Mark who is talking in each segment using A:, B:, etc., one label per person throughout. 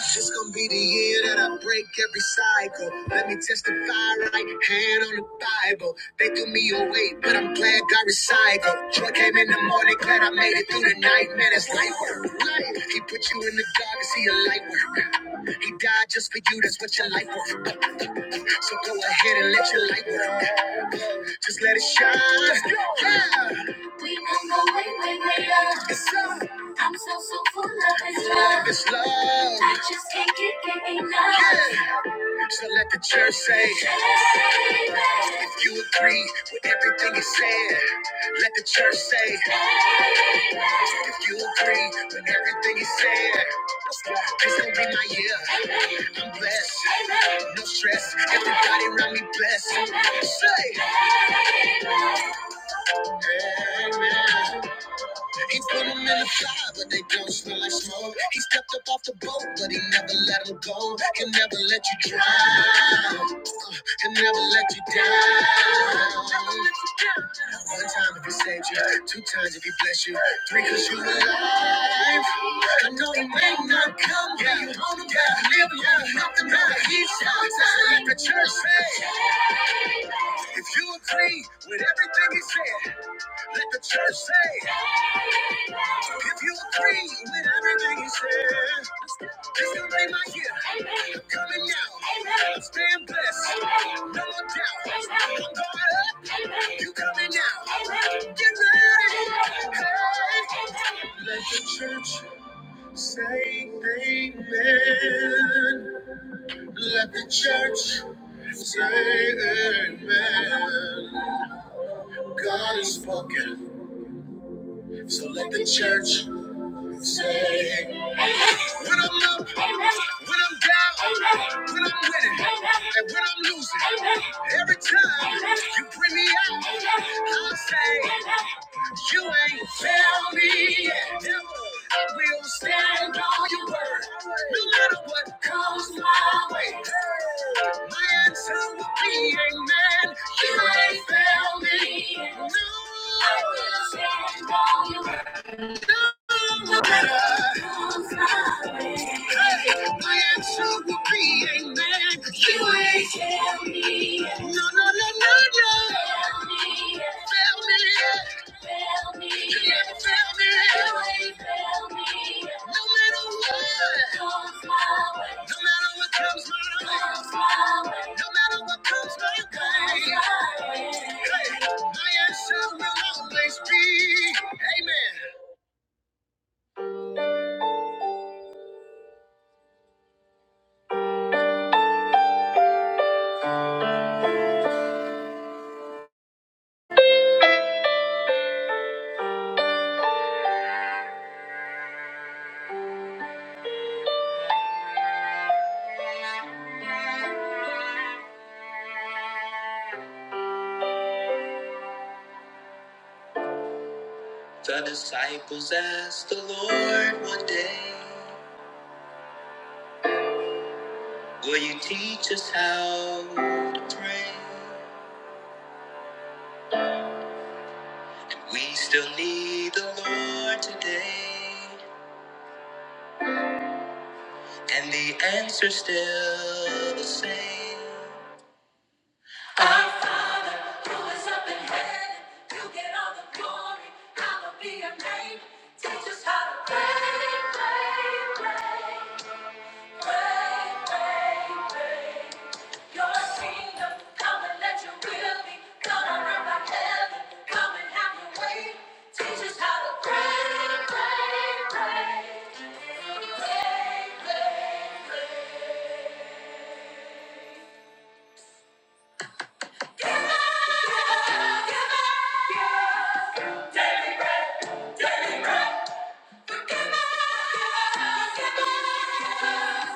A: This gonna be the year that I break every cycle. Let me testify right hand on the Bible. They threw me away, but I'm glad I recycled. Joy came in the morning, glad I made it through the night. Man, it's light work. Light. He put you in the dark and see a light work. He died just for you, that's what your life worth. So go ahead and let your light work. Just let it shine. Let's go. Yeah. We gon' go way, way, way up. It's up. I'm so, so full of this love. This love. I just can't get, get enough. Yeah. So let the church say. Amen. If you agree with everything it said, let the church say. Amen. If you agree with everything he said, this gon' be my year. I'm blessed. No stress. Everybody around me blessed. Say. Amen. He put them in the fire, but they don't smell like smoke. He stepped up off the boat, but he never let them go. He'll never let you drown. Uh, He'll never let you down. One time if he saved you, two times if he bless you, three cause you alive. I know he may not come when you want him, but you live long enough to know that he's on time. Like the church said, if you agree with everything he said, let the church say, if you agree with everything he said, this gonna be my year. I'm coming down. Stand blessed. No more doubt. I'm going up. You coming down. Get ready. Hey. Let the church say amen. Let the church Say amen. God is spoken, so let the church When I'm up, when I'm down, when I'm winning, and when I'm losing, every time you bring me out, I'll say, You ain't found me yet. I will stand on your word, no matter what comes my way. My answer will be, Amen. You ain't found me yet. No. I will stand on your word. Hey, my answer will always be, Amen. The disciples asked the Lord one day, Will you teach us how to pray? We still need the Lord today, and the answer's still the same. Our Father, who is up in heaven, you get all the glory, hallowed be your name. Teach us how to pray, pray, pray. Pray, pray, pray. All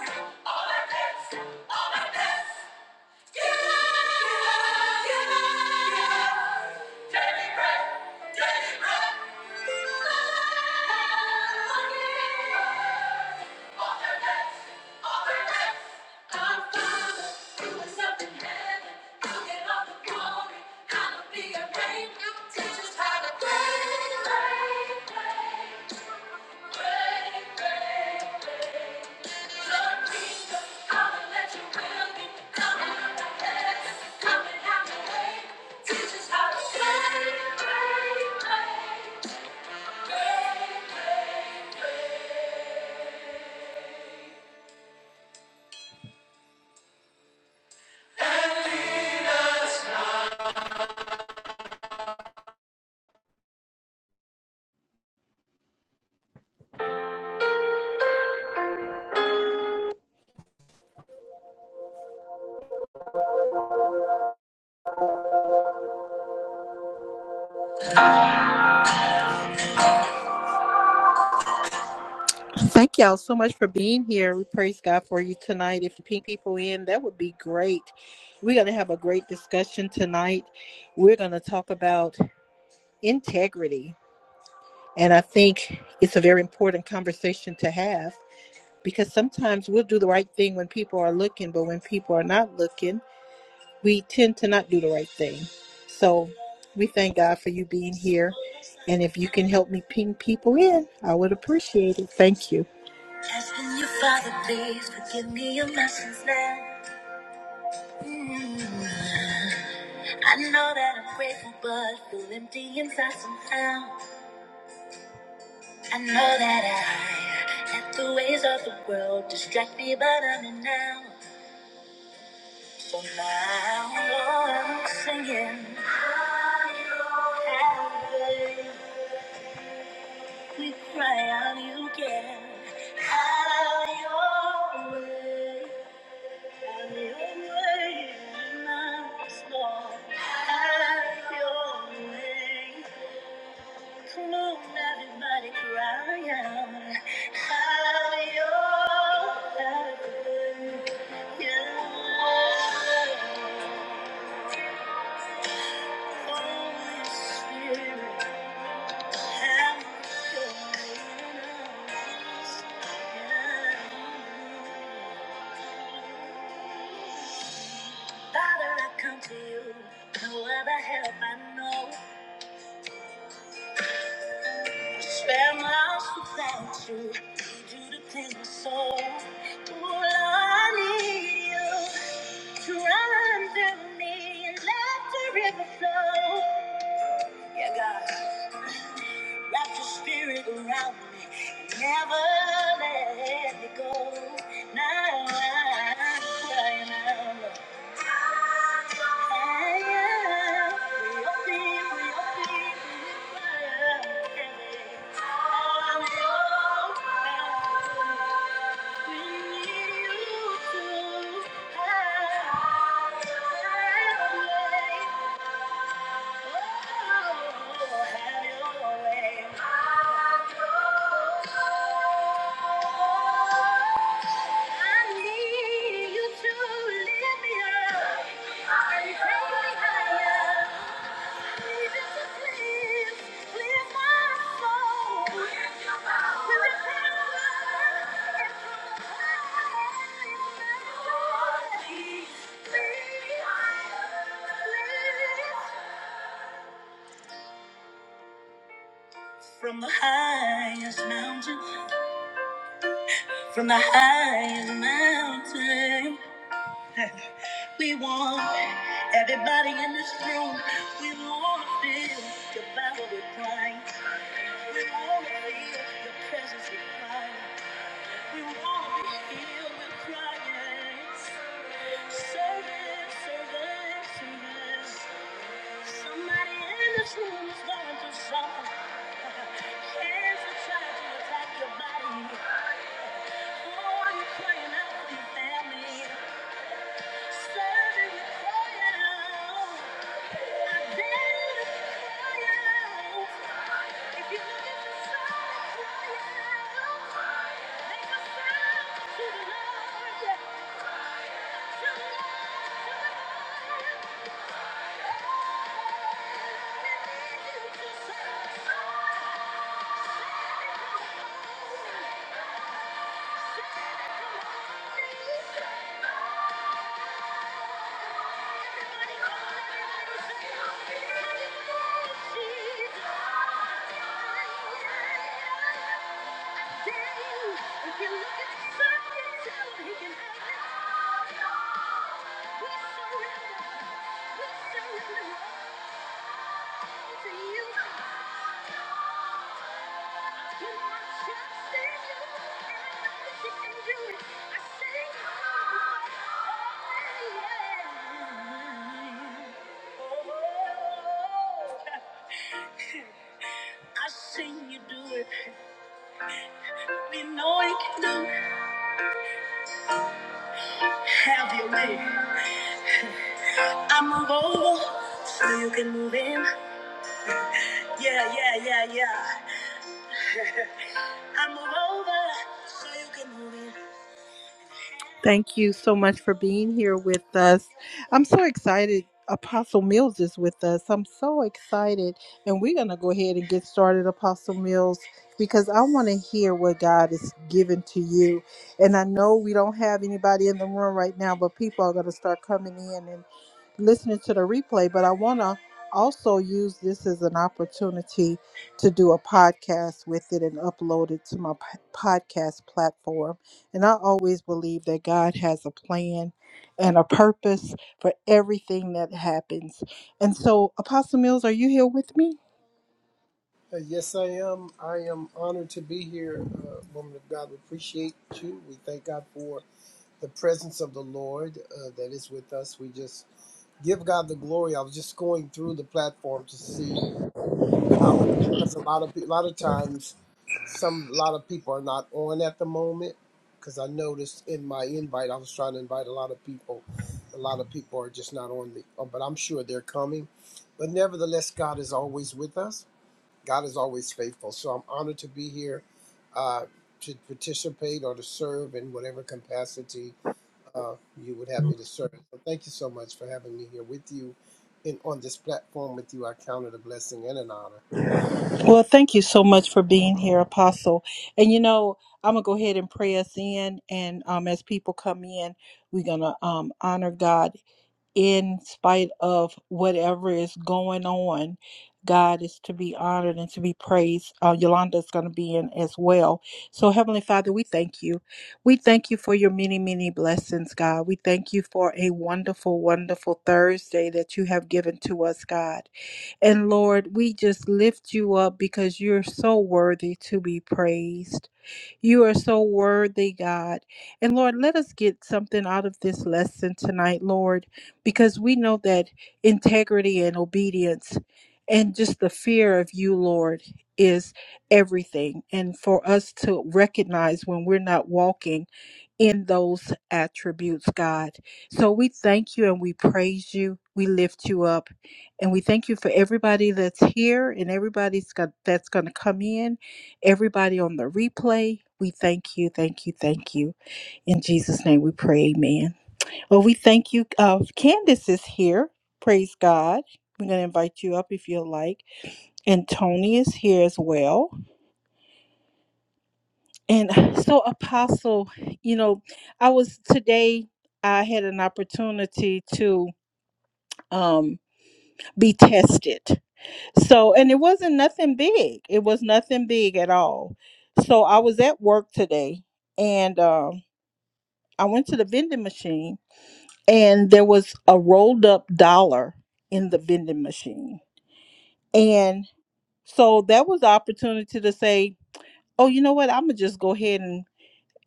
A: my best, all my best. Pray, pray, pray. Thank y'all so much for being here. We praise God for you tonight. If you ping people in, that would be great. We're going to have a great discussion tonight. We're going to talk about integrity. And I think it's a very important conversation to have. because sometimes we'll do the right thing when people are looking, but when people are not looking, we tend to not do the right thing. So we thank God for you being here. And if you can help me ping people in, I would appreciate it. Thank you. Asking you, Father, please forgive me of my sins now. I know that I'm grateful, but I feel empty inside somehow. I know that I let the ways of the world distract me, but I'm in now. So now I'm singing. Hallelujah. We cry out you can. Have your way. Have your way in us, Lord. Have your way. Come on, everybody, cry out. Have your have your way. Father, I come to you. No other help I know. Spare my life without you. Need you to clean my soul. Oh, Lord, I need you to run through me and let the river flow. Yeah, God. Wrap your spirit around me and never let me go. Now I'm crying out. Lord. I am your people, your people, I'm your people. We need you to have your way. Please. please, please, From the highest mountain, from the highest mountain, we want everybody in this room. We want to feel devoured with Christ. We want to feel the presence of Christ. We want to be healed with Christ. Service, service, service. Somebody in this room is going through something. Cancer trying to attack your body. Oh, are you crying out for your family? Thank you. If you look at the circus, he can have it. We surrender. We surrender all to you. You are just in you, and I know that you can do it. I sing hallelujah. I seen you do it. We know you can do it. Have your way. I move over so you can move in. Yeah, yeah, yeah, yeah. I move over so you can move in. Thank you so much for being here with us. I'm so excited. Apostle Mills is with us. I'm so excited. And we're going to go ahead and get started, Apostle Mills, because I want to hear what God is giving to you. And I know we don't have anybody in the room right now, but people are going to start coming in listening to the replay, but I want to also use this as an opportunity to do a podcast with it and upload it to my p- podcast platform. And I always believe that God has a plan and a purpose for everything that happens. And so, Apostle Mills, are you here with me?
B: Uh, yes, I am. I am honored to be here, uh, woman of God. We appreciate you. We thank God for the presence of the Lord uh, that is with us. We just give God the glory. I was just going through the platform to see how, because a lot of pe- a lot of times, some a lot of people are not on at the moment. Because I noticed in my invite, I was trying to invite a lot of people. A lot of people are just not on the, but I'm sure they're coming. But nevertheless, God is always with us God is always faithful. So I'm honored to be here uh, to participate or to serve in whatever capacity uh, you would have me to serve. So thank you so much for having me here with you and on this platform with you. I count it a blessing and an honor.
A: Well, thank you so much for being here, Apostle. And you know, I'm going to go ahead and pray us in. And um, as people come in, we're going to um, honor God in spite of whatever is going on, God is to be honored and to be praised. Uh, Yolanda is going to be in as well. So, Heavenly Father, we thank you. We thank you for your many, many blessings, God. We thank you for a wonderful, wonderful Thursday that you have given to us, God. And Lord, we just lift you up because you're so worthy to be praised. You are so worthy, God. And Lord, let us get something out of this lesson tonight, Lord, because we know that integrity and obedience and just the fear of you, Lord, is everything. And for us to recognize when we're not walking in those attributes, God. So we thank you and we praise you. We lift you up. And we thank you for everybody that's here and everybody's got, that's going to come in. Everybody on the replay, we thank you, thank you, thank you. In Jesus' name we pray, amen. Well, we thank you. Uh, Candace is here. Praise God. We're going to invite you up if you like. And Tony is here as well. And so, Apostle, you know, I was today, I had an opportunity to um, be tested. So, and it wasn't nothing big, it was nothing big at all. So, I was at work today. And um I went to the vending machine and there was a rolled up dollar in the vending machine. And so that was the opportunity to say, oh, you know what? I'm going to just go ahead and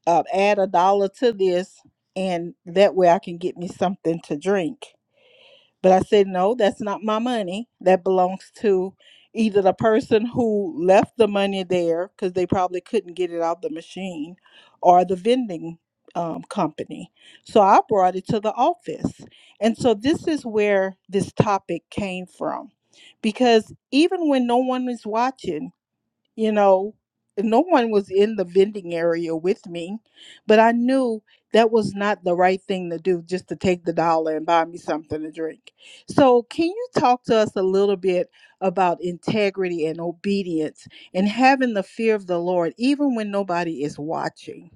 A: uh, add a dollar to this. And that way I can get me something to drink. But I said, no, that's not my money. That belongs to either the person who left the money there because they probably couldn't get it out the machine or the vending um, company. So I brought it to the office. And so this is where this topic came from. Because even when no one is watching, you know no one was in the vending area with me but i knew that was not the right thing to do just to take the dollar and buy me something to drink so can you talk to us a little bit about integrity and obedience and having the fear of the Lord, even when nobody is watching.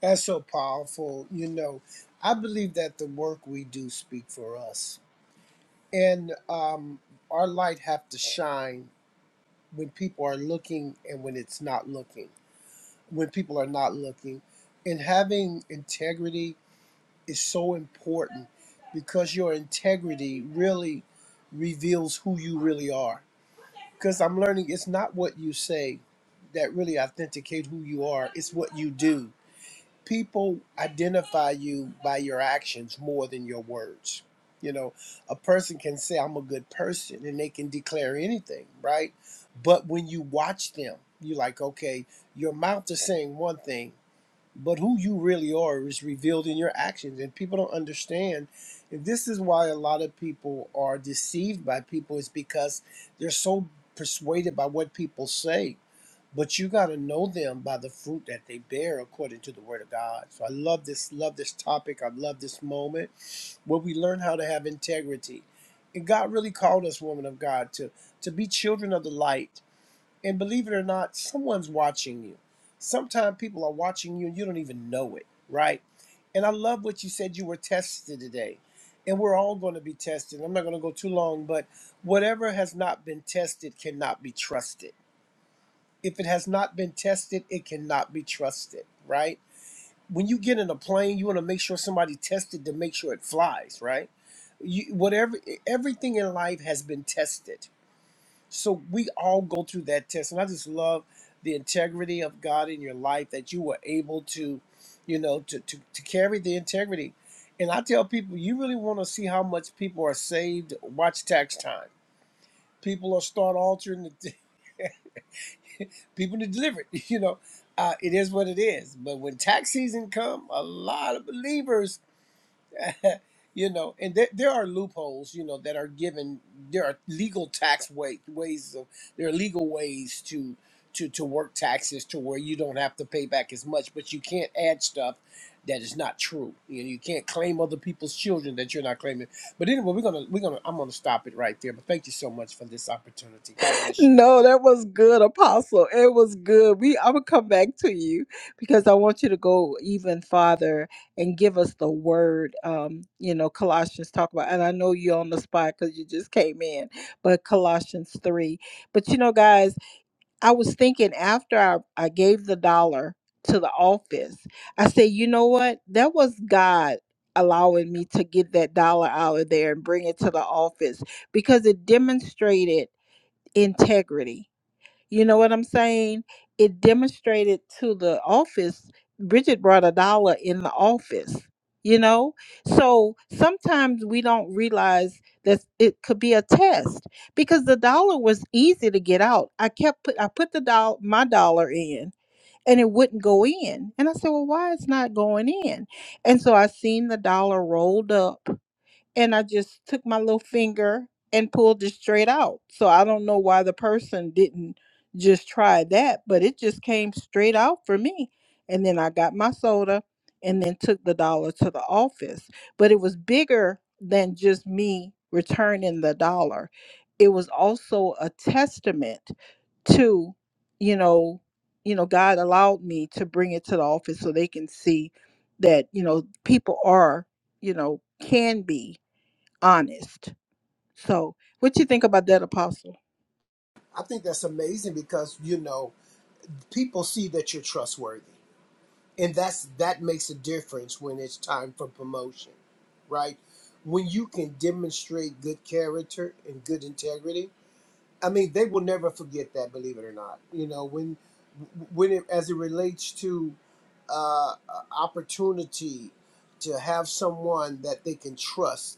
B: That's so powerful. You know, I believe that the work we do speak for us, and um, our light have to shine when people are looking and when it's not looking. When people are not looking, and having integrity is so important because your integrity really reveals who you really are. Because I'm learning it's not what you say that really authenticate who you are, it's what you do. People identify you by your actions more than your words. You know, a person can say, I'm a good person, and they can declare anything, right? But when you watch them, you're like, okay, your mouth is saying one thing, but who you really are is revealed in your actions and people don't understand and this is why a lot of people are deceived by people is because they're so persuaded by what people say but you got to know them by the fruit that they bear according to the word of god so i love this love this topic i love this moment where we learn how to have integrity and god really called us woman of god to to be children of the light and believe it or not, someone's watching you. Sometimes people are watching you and you don't even know it, right? And I love what you said you were tested today. And we're all going to be tested. I'm not going to go too long, but whatever has not been tested cannot be trusted. If it has not been tested, it cannot be trusted, right? When you get in a plane, you want to make sure somebody tested to make sure it flies, right? You, whatever, everything in life has been tested so we all go through that test. And I just love the integrity of God in your life that you were able to, you know, to, to, to carry the integrity. And I tell people, you really want to see how much people are saved, watch tax time. People will start altering the people to deliver it. You know, uh, it is what it is. But when tax season come, a lot of believers you know and there, there are loopholes you know that are given there are legal tax way, ways of there are legal ways to to to work taxes to where you don't have to pay back as much but you can't add stuff that is not true you know you can't claim other people's children that you're not claiming but anyway we're gonna we're gonna i'm gonna stop it right there but thank you so much for this opportunity god bless you
A: No, that was good, Apostle. It was good. We I'm gonna come back to you because I want you to go even farther and give us the word. Um, you know, Colossians talk about, and I know you're on the spot because you just came in, but Colossians three. But you know, guys, I was thinking after I, I gave the dollar to the office, I said, you know what? That was God allowing me to get that dollar out of there and bring it to the office because it demonstrated integrity you know what I'm saying? It demonstrated to the office. Bridget brought a dollar in the office, you know? So sometimes we don't realize that it could be a test because the dollar was easy to get out. I kept put I put the doll my dollar in and it wouldn't go in. And I said, Well, why it's not going in? And so I seen the dollar rolled up and I just took my little finger and pulled it straight out. So I don't know why the person didn't just try that, but it just came straight out for me. And then I got my soda and then took the dollar to the office. But it was bigger than just me returning the dollar. It was also a testament to, you know, you know, God allowed me to bring it to the office so they can see that, you know, people are, you know, can be honest. So, what you think about that, Apostle?
B: I think that's amazing because you know people see that you're trustworthy. and that's that makes a difference when it's time for promotion right when you can demonstrate good character and good integrity i mean they will never forget that believe it or not you know when when it as it relates to opportunity to have someone that they can trust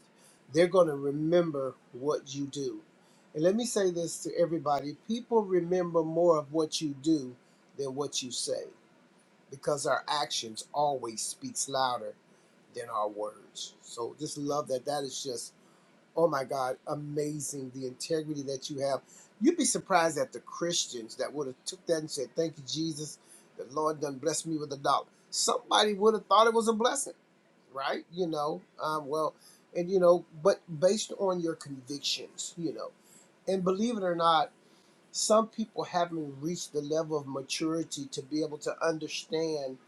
B: they're going to remember what you do and let me say this to everybody people remember more of what you do than what you say because our actions always speaks louder than our words. So just love that. That is just oh my God, amazing the integrity that you have. You'd be surprised at the Christians that would have took that and said, "Thank you, Jesus. The Lord done blessed me with a dollar." Somebody would have thought it was a blessing, right? You know, um, well, and you know, but based on your convictions, you know, and believe it or not some people haven't reached the level of maturity to be able to understand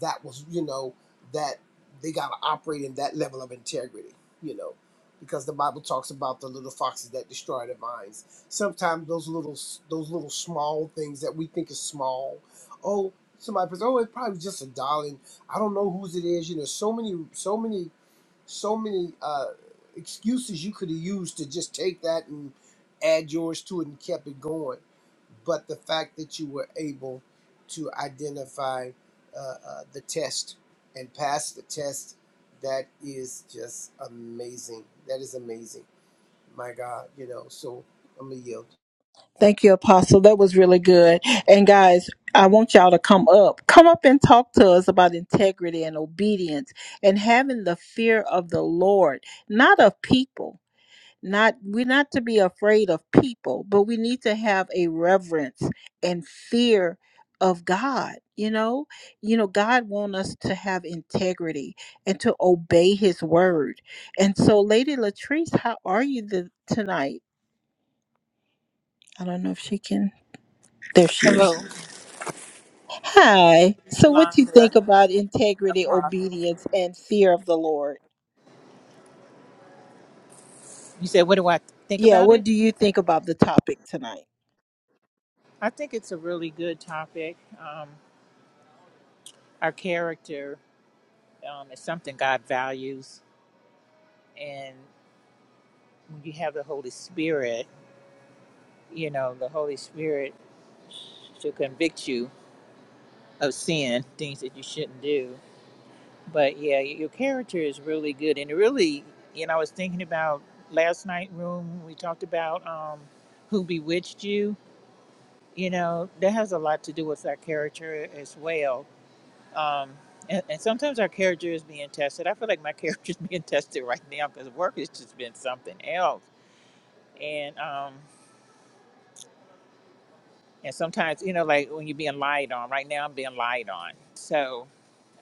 B: that was you know that they got to operate in that level of integrity you know because the bible talks about the little foxes that destroy the vines sometimes those little those little small things that we think is small oh somebody says oh it's probably just a dollar and i don't know whose it is you know so many so many so many uh, excuses you could have used to just take that and add yours to it and kept it going. But the fact that you were able to identify uh, uh, the test and pass the test, that is just amazing. That is amazing. My God, you know, so I'm going to yield.
A: Thank you, Apostle. That was really good. And guys, I want y'all to come up. Come up and talk to us about integrity and obedience and having the fear of the Lord, not of people. not we're not to be afraid of people but we need to have a reverence and fear of god you know you know god wants us to have integrity and to obey his word and so lady latrice how are you the, tonight i don't know if she can there she is
C: Hello,
A: hi so what do you
C: Yolanda
A: think about integrity
C: Apostle.
A: obedience and fear of the lord
C: You said, what do I think
A: yeah
C: about
A: what
C: it?
A: do you think about the topic tonight
C: I think it's a really good topic. Um, our character um, is something God values. And when you have the Holy Spirit, you know, the Holy Spirit should convict you of sin, things that you shouldn't do. But yeah, your character is really good. And it really, you know, I was thinking about last night room, we talked about um, who bewitched you you know that has a lot to do with our character as well um and, and sometimes our character is being tested i feel like my character is being tested right now because work has just been something else and um and sometimes you know like when you're being lied on right now i'm being lied on so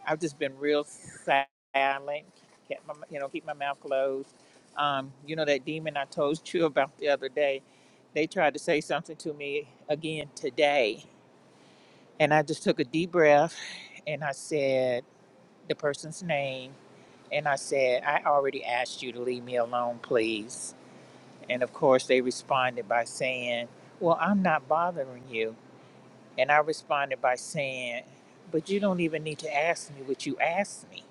C: i've just been real silent kept my you know keep my mouth closed um you know that demon i told you about the other day they tried to say something to me again today And I just took a deep breath and I said the person's name. And I said, I already asked you to leave me alone, please. And of course, they responded by saying, Well, I'm not bothering you. And I responded by saying, But you don't even need to ask me what you asked me.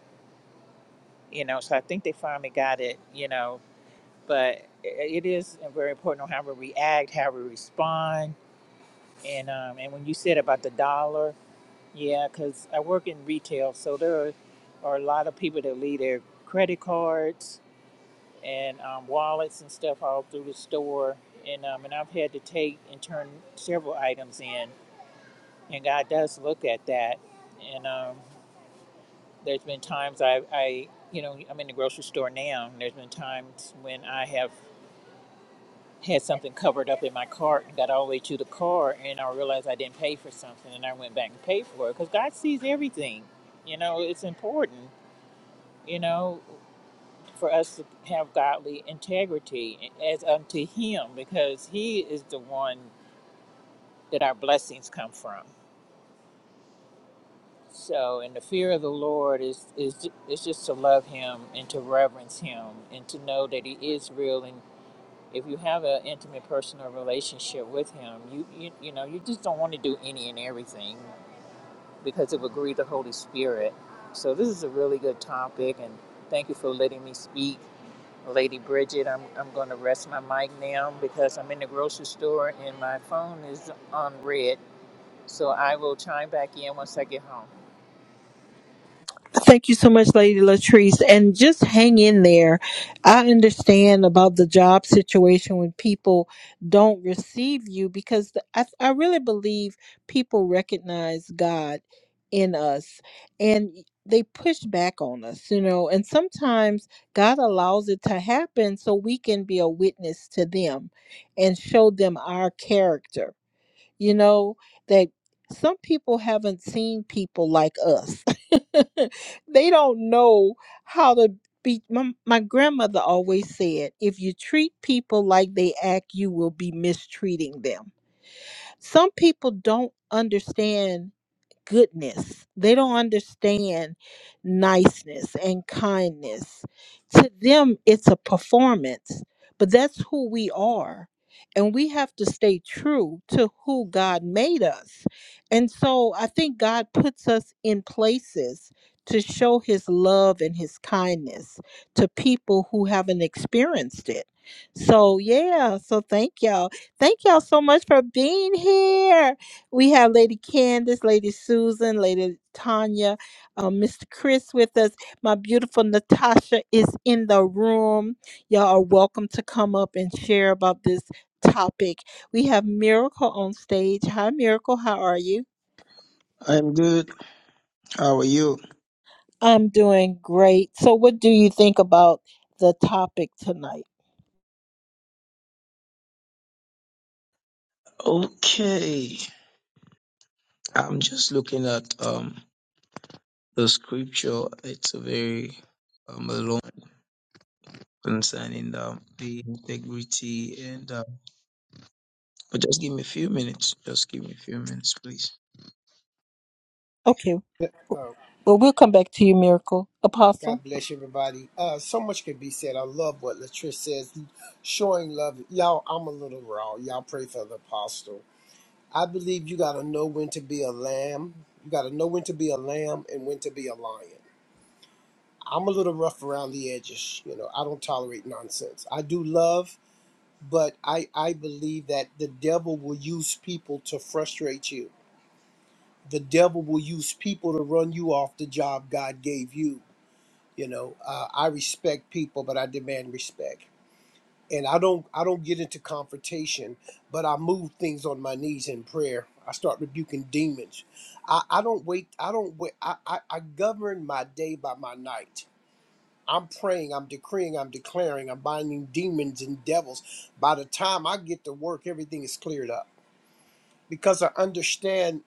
C: You know, so I think they finally got it, you know. But it it is very important on how we react, how we respond. And, um, and when you said about the dollar, Yeah, because I work in retail, so there are, are a lot of people that leave their credit cards and um, wallets and stuff all through the store, and um, and I've had to take and turn several items in, and God does look at that, and um, there's been times I, I you know I'm in the grocery store now, and there's been times when I have had something covered up in my cart and got all the way to the car, and I realized I didn't pay for something, and I went back and paid for it because God sees everything. You know, it's important. you know, for us to have godly integrity as unto Him, because He is the one that our blessings come from. So, and the fear of the Lord is is is just to love Him and to reverence Him and to know that He is real. And if you have an intimate personal relationship with Him, you you you know you just don't want to do any and everything because it would grieve the Holy Spirit. So, this is a really good topic, and thank you for letting me speak. Lady Bridget, I'm, I'm going to rest my mic now because I'm in the grocery store and my phone is on red. So I will chime back in once I get home.
A: Thank you so much, Lady Latrice. And just hang in there. I understand about the job situation when people don't receive you because the, I, I really believe people recognize God in us and they push back on us, you know. And sometimes God allows it to happen so we can be a witness to them and show them our character you know that some people haven't seen people like us they don't know how to be my, my grandmother always said if you treat people like they act you will be mistreating them some people don't understand goodness. They don't understand niceness and kindness. To them, it's a performance, but that's who we are. And we have to stay true to who God made us. And so I think God puts us in places to show his love and his kindness to people who haven't experienced it. So, yeah. So, thank y'all. Thank y'all so much for being here. We have Lady Candace, Lady Susan, Lady Tanya, uh, Mr. Chris with us. My beautiful Natasha is in the room. Y'all are welcome to come up and share about this topic. We have Miracle on stage. Hi, Miracle. How are you?
D: I'm good. How are you?
A: I'm doing great. So, what do you think about the topic tonight?
D: Okay. I'm just looking at um the scripture. It's a very um long concerning um, the integrity and uh, but just give me a few minutes. Just give me a few minutes, please.
A: Okay.
B: Uh,
A: Well, we'll come back to you, Miracle Apostle.
B: God bless everybody. Uh, so much can be said. I love what Latrice says, showing love. Y'all, I'm a little raw. Y'all pray for the apostle. I believe you got to know when to be a lamb. You got to know when to be a lamb and when to be a lion. I'm a little rough around the edges. You know, I don't tolerate nonsense. I do love, but I, I believe that the devil will use people to frustrate you. The devil will use people to run you off the job God gave you. You know, uh, I respect people, but I demand respect. and I don't I don't get into confrontation, but I move things on my knees in prayer. I start rebuking demons. I, I don't wait. I don't wait. I, I, I govern my day by my night. I'm praying. I'm decreeing. I'm declaring. I'm binding demons and devils. By the time I get to work, everything is cleared up because I understand.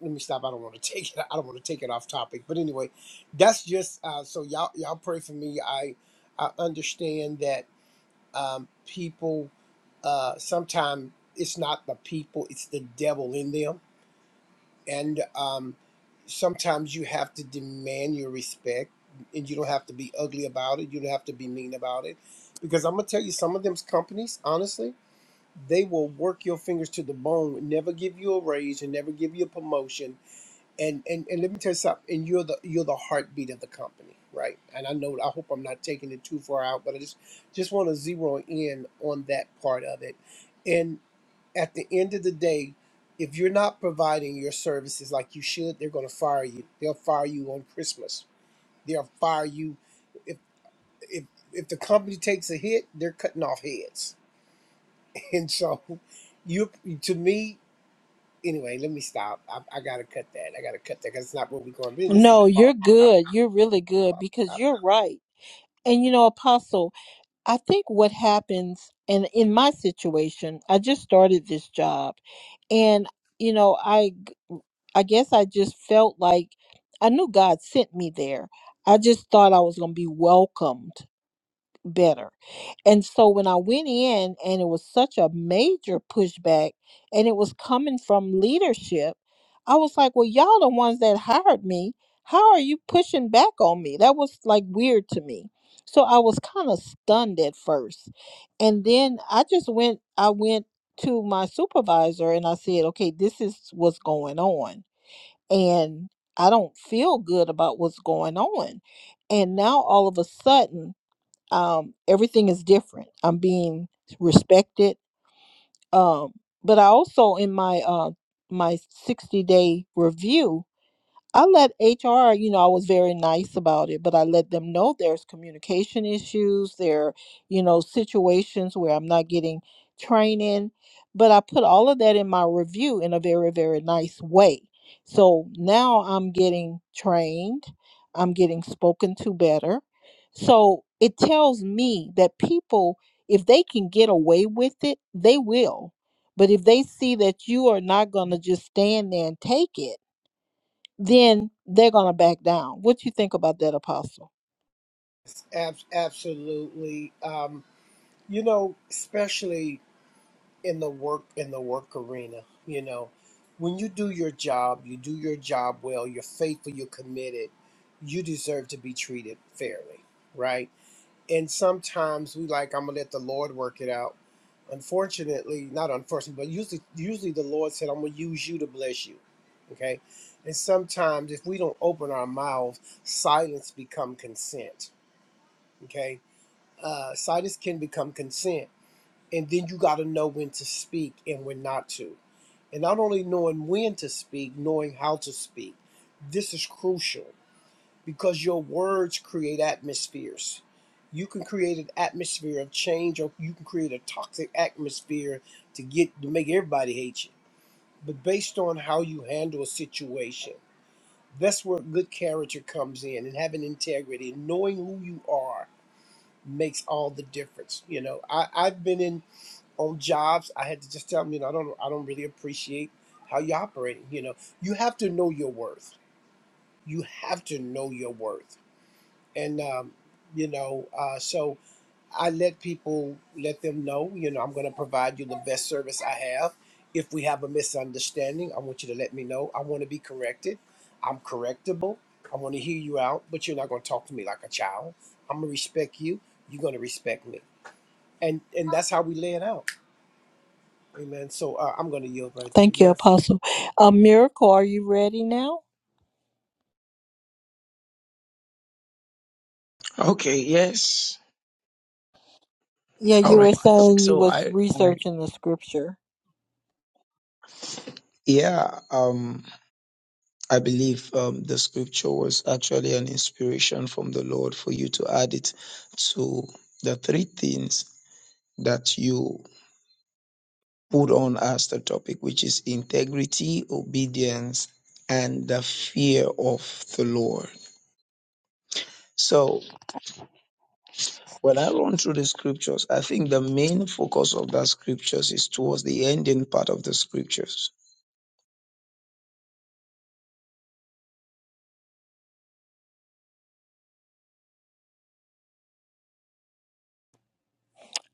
B: Let me stop. I don't want to take it. I don't want to take it off topic. But anyway, that's just uh, so y'all y'all pray for me. I I understand that um, people uh, sometimes it's not the people it's the devil in them and um, sometimes you have to demand your respect and you don't have to be ugly about it you don't have to be mean about it because i'm going to tell you some of them companies honestly they will work your fingers to the bone never give you a raise and never give you a promotion and and and let me tell you something. And you're the you're the heartbeat of the company, right? And I know I hope I'm not taking it too far out, but I just just want to zero in on that part of it. And at the end of the day, if you're not providing your services like you should, they're going to fire you. They'll fire you on Christmas. They'll fire you if if if the company takes a hit, they're cutting off heads. And so, you to me anyway. Let me stop. I, I got to cut that. I got to cut that because it's not what we're going to be. This is
A: No,
B: a
A: you're
B: problem
A: good. You're really good because you're right. And you know, Apostle, I think what happens, and in my situation, I just started this job, and you know, I I guess I just felt like I knew God sent me there. I just thought I was going to be welcomed better. And so when I went in, and it was such a major pushback, and it was coming from leadership, I was like, well, y'all the ones that hired me. How are you pushing back on me? That was like weird to me. So I was kind of stunned at first. And then I just went, I went to my supervisor and I said, okay, this is what's going on. And I don't feel good about what's going on. And now all of a sudden, um, everything is different. I'm being respected. Um, but I also in my uh, my 60 day review, I let HR, you know, I was very nice about it, but I let them know there's communication issues, there, you know, situations where I'm not getting training. But I put all of that in my review in a very, very nice way. So now I'm getting trained, I'm getting spoken to better. So it tells me that people, if they can get away with it, they will. But if they see that you are not going to just stand there and take it, then they're going to back down. What you think about that, Apostle?
B: Ab- absolutely. Um, you know, especially in the work in the work arena, you know, when you do your job, you do your job well, you're faithful, you're committed, you deserve to be treated fairly, right? And sometimes we like, I'm gonna let the Lord work it out. Unfortunately, not unfortunately, but usually usually the Lord said, I'm gonna use you to bless you. Okay. And sometimes if we don't open our mouths, silence become consent. Okay uh, situs can become consent. And then you got to know when to speak and when not to. And not only knowing when to speak, knowing how to speak. This is crucial because your words create atmospheres. You can create an atmosphere of change, or you can create a toxic atmosphere to get to make everybody hate you. But based on how you handle a situation, that's where good character comes in, and having integrity, knowing who you are, makes all the difference. You know, I, I've been in on jobs. I had to just tell them, you know, I don't, I don't really appreciate how you're operating. You know, you have to know your worth. You have to know your worth. And, um, you know, uh, so I let people, let them know, you know, I'm going to provide you the best service I have. If we have a misunderstanding, I want you to let me know. I want to be corrected. I'm correctable. I want to hear you out, but you're not going to talk to me like a child. I'm going to respect you. You're going to respect me and and that's how we lay it out amen so uh, i'm going to yield right there
A: Thank you,
B: yes
A: Apostle. Uh, Miracle, are you ready now?
D: Okay, yes.
A: Yeah,
D: All
A: you were
D: right.
A: saying you
D: So
A: was
D: I, I
A: researching the scripture.
D: yeah, um I believe um the scripture was actually an inspiration from the Lord for you to add it to the three things that you put on us the topic, which is integrity, obedience, and the fear of the Lord. So when I run through the scriptures, I think the main focus of that scriptures is towards the ending part of the scriptures,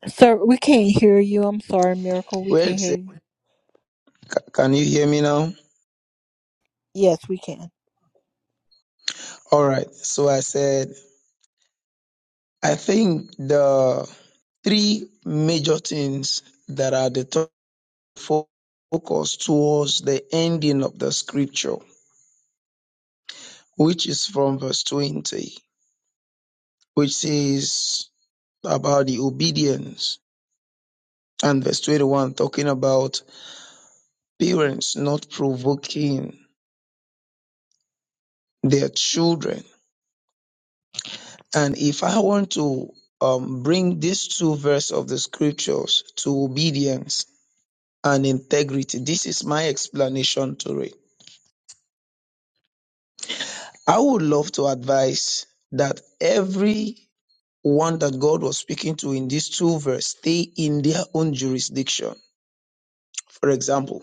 A: Sir, we can't hear you. I'm sorry, Miracle. We
D: where it
A: can't hear
D: says,
A: you.
D: ca- "Can you hear me now?"
A: Yes, we can.
D: All right. So I said, I think the three major things that are the top fo- focus towards the ending of the scripture, which is from verse 20. which says about the obedience, and verse 21 talking about parents not provoking their children. And if I want to um, bring these two verses of the scriptures to obedience and integrity, this is my explanation to it. I would love to advise that every one that God was speaking to in these two verses stay in their own jurisdiction. For example,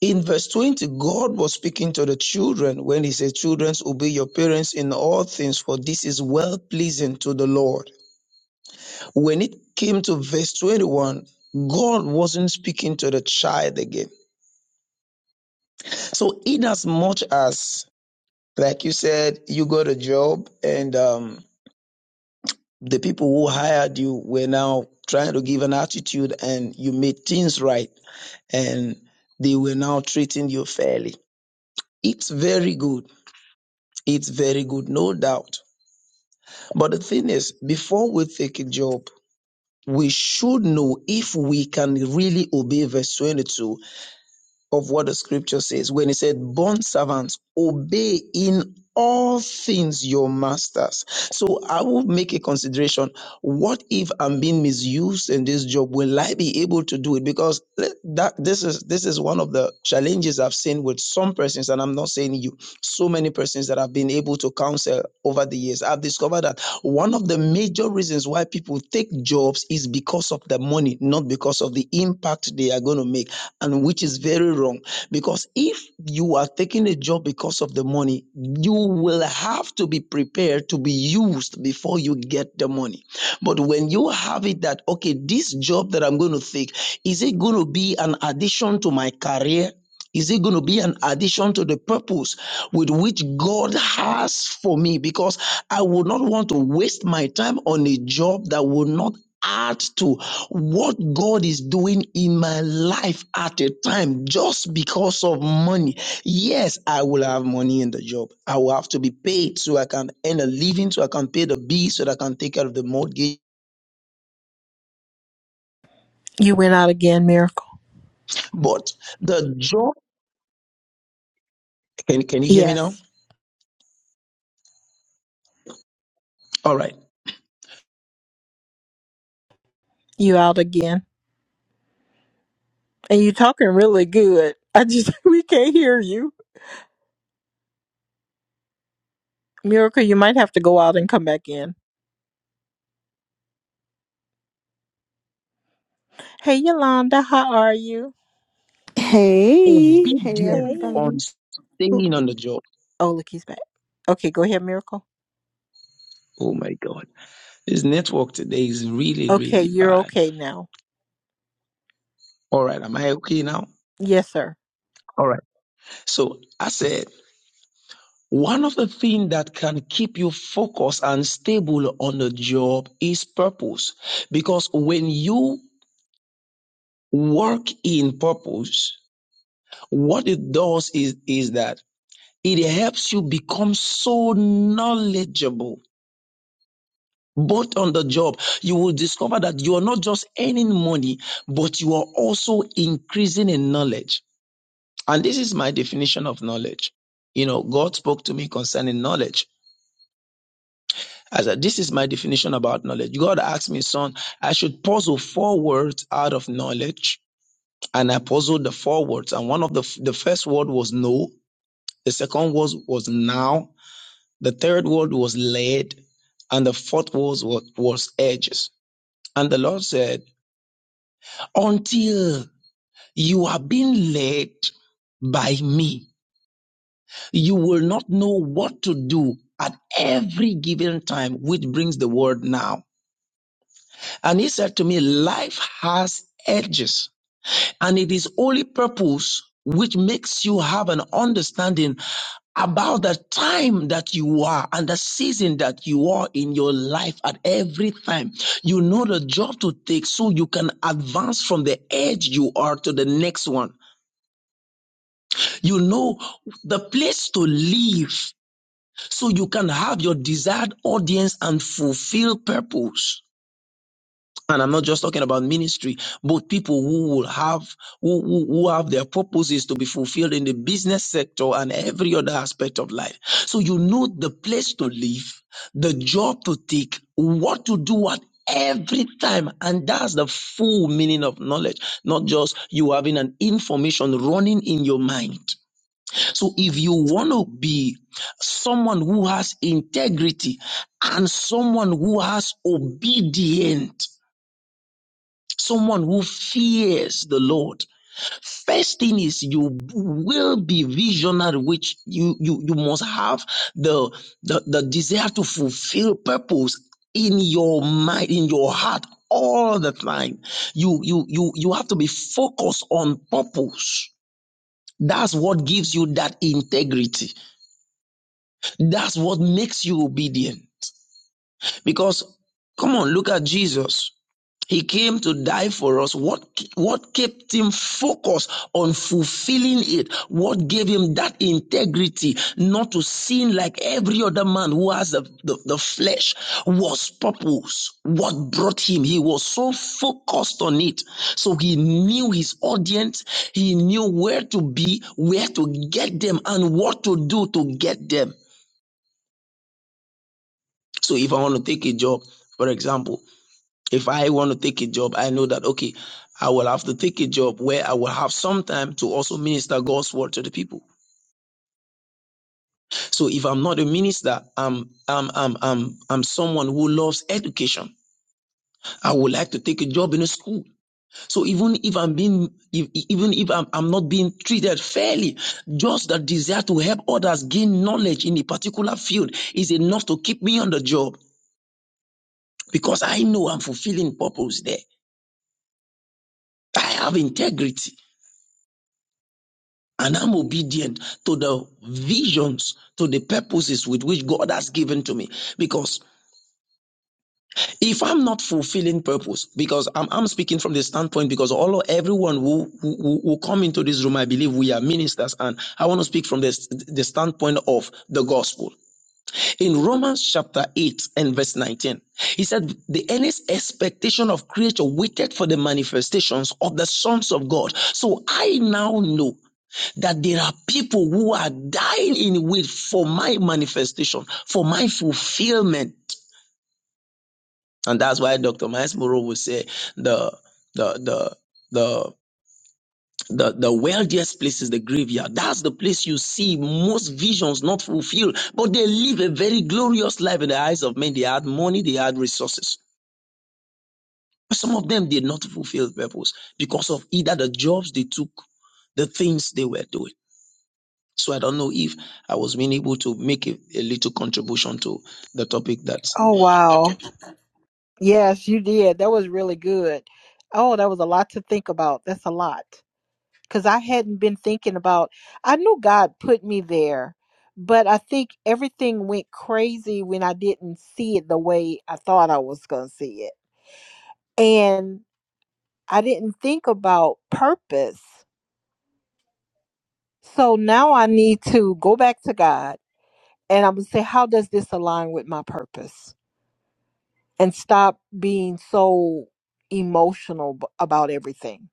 D: In verse 20, God was speaking to the children when he said, Children, obey your parents in all things, for this is well pleasing to the Lord. When it came to verse 21, God wasn't speaking to the child again. So, in as much as, like you said, you got a job and um, the people who hired you were now trying to give an attitude and you made things right and they were now treating you fairly. It's very good. It's very good, no doubt. But the thing is, before we take a job, we should know if we can really obey verse 22 of what the scripture says when it said, "Bond servants, obey in all things your masters. So I will make a consideration. What if I'm being misused in this job? Will I be able to do it? Because that this is this is one of the challenges I've seen with some persons, and I'm not saying you, so many persons that I've been able to counsel over the years. I've discovered that one of the major reasons why people take jobs is because of the money, not because of the impact they are going to make and which is very wrong because if you are taking a job because of the money you will have to be prepared to be used before you get the money but when you have it that okay this job that i'm going to take is it going to be an addition to my career is it going to be an addition to the purpose with which God has for me? Because I would not want to waste my time on a job that will not add to what God is doing in my life at a time just because of money. Yes, I will have money in the job. I will have to be paid so I can earn a living, so I can pay the bills, so that I can take care of the mortgage.
A: You went out again, Miracle.
D: But the job, can, can you hear me now?
A: Yes,
D: All right
A: you out again. And you're talking really good. I just we can't hear you. Miracle, you might have to go out and come back in. Hey Yolanda, how are you?
E: Hey, hey
D: obedient
A: Hey.
D: on
E: everybody. Who-
D: staying on the job.
A: Oh, look, he's back. Okay, go ahead, Miracle.
D: Oh my God. This network today is really,
A: Okay,
D: really
A: you're
D: bad.
A: okay now.
D: All right. Am I okay now?
A: Yes, sir.
D: All right. So I said, one of the things that can keep you focused and stable on the job is purpose. Because when you work in purpose, what it does is, is that it helps you become so knowledgeable both on the job, you will discover that you are not just earning money, but you are also increasing in knowledge. And this is my definition of knowledge. You know, God spoke to me concerning knowledge. I said, this is my definition about knowledge. God asked me, son, I should puzzle four words out of knowledge. And I puzzled the four words. And one of the, the first word was no. The second word was now. The third word was led. And the fourth word was, was edges. And the Lord said, until you are being led by me. You will not know what to do at every given time, which brings the word now. And he said to me, life has edges and it is only purpose which makes you have an understanding about the time that you are and the season that you are in your life at every time. You know the job to take so you can advance from the edge you are to the next one. You know the place to live so you can have your desired audience and fulfill purpose. And I'm not just talking about ministry, but people who will have who, who, who have their purposes to be fulfilled in the business sector and every other aspect of life. So you know the place to live, the job to take, what to do at every time. And that's the full meaning of knowledge, not just you having an information running in your mind. So if you want to be someone who has integrity and someone who has obedient, someone who fears the Lord, first thing is you will be visionary, which you, you, you must have the, the, the desire to fulfill purpose in your mind, in your heart all the time. You, you, you, you have to be focused on purpose. That's what gives you that integrity. That's what makes you obedient. Because come on, look at Jesus. He came to die for us. What what kept him focused on fulfilling it? What gave him that integrity not to sin like every other man who has the, the, the flesh was purpose. What brought him? He was so focused on it. So he knew his audience. He knew where to be, where to get them and what to do to get them. So if I want to take a job, for example, if I want to take a job, I know that okay, I will have to take a job where I will have some time to also minister God's word to the people. So if I'm not a minister, I'm I'm I'm I'm I'm someone who loves education. I would like to take a job in a school. So even if I'm being if, even if I'm, I'm not being treated fairly, just the desire to help others gain knowledge in a particular field is enough to keep me on the job because I know I'm fulfilling purpose there. I have integrity and I'm obedient to the visions, to the purposes with which God has given to me. Because if I'm not fulfilling purpose, because I'm, I'm speaking from the standpoint, because all everyone who, who who come into this room, I believe we are ministers, and I want to speak from the, the standpoint of the gospel. In Romans chapter 8 and verse 19, he said, The earnest expectation of creature waited for the manifestations of the sons of God. So I now know. that there are people who are dying in wait for my manifestation, for my fulfillment. And that's why Dr. Miles Moreau will say the the the the the, the wealthiest place is the graveyard. That's the place you see most visions not fulfilled, but they live a very glorious life in the eyes of men. They had money, they had resources. But some of them did not fulfill purpose because of either the jobs they took, the things they were doing. So I don't know if I was being able to make a, a little contribution to the topic that
A: Oh
D: you
A: wow. Yes, you did. That was really good. Oh, that was a lot to think about. That's a lot. Cause I hadn't been thinking about I knew God put me there, but I think everything went crazy when I didn't see it the way I thought I was gonna see it and I didn't think about purpose. So now I need to go back to God and I'm going to say, how does this align with my purpose? And stop being so emotional b- about everything.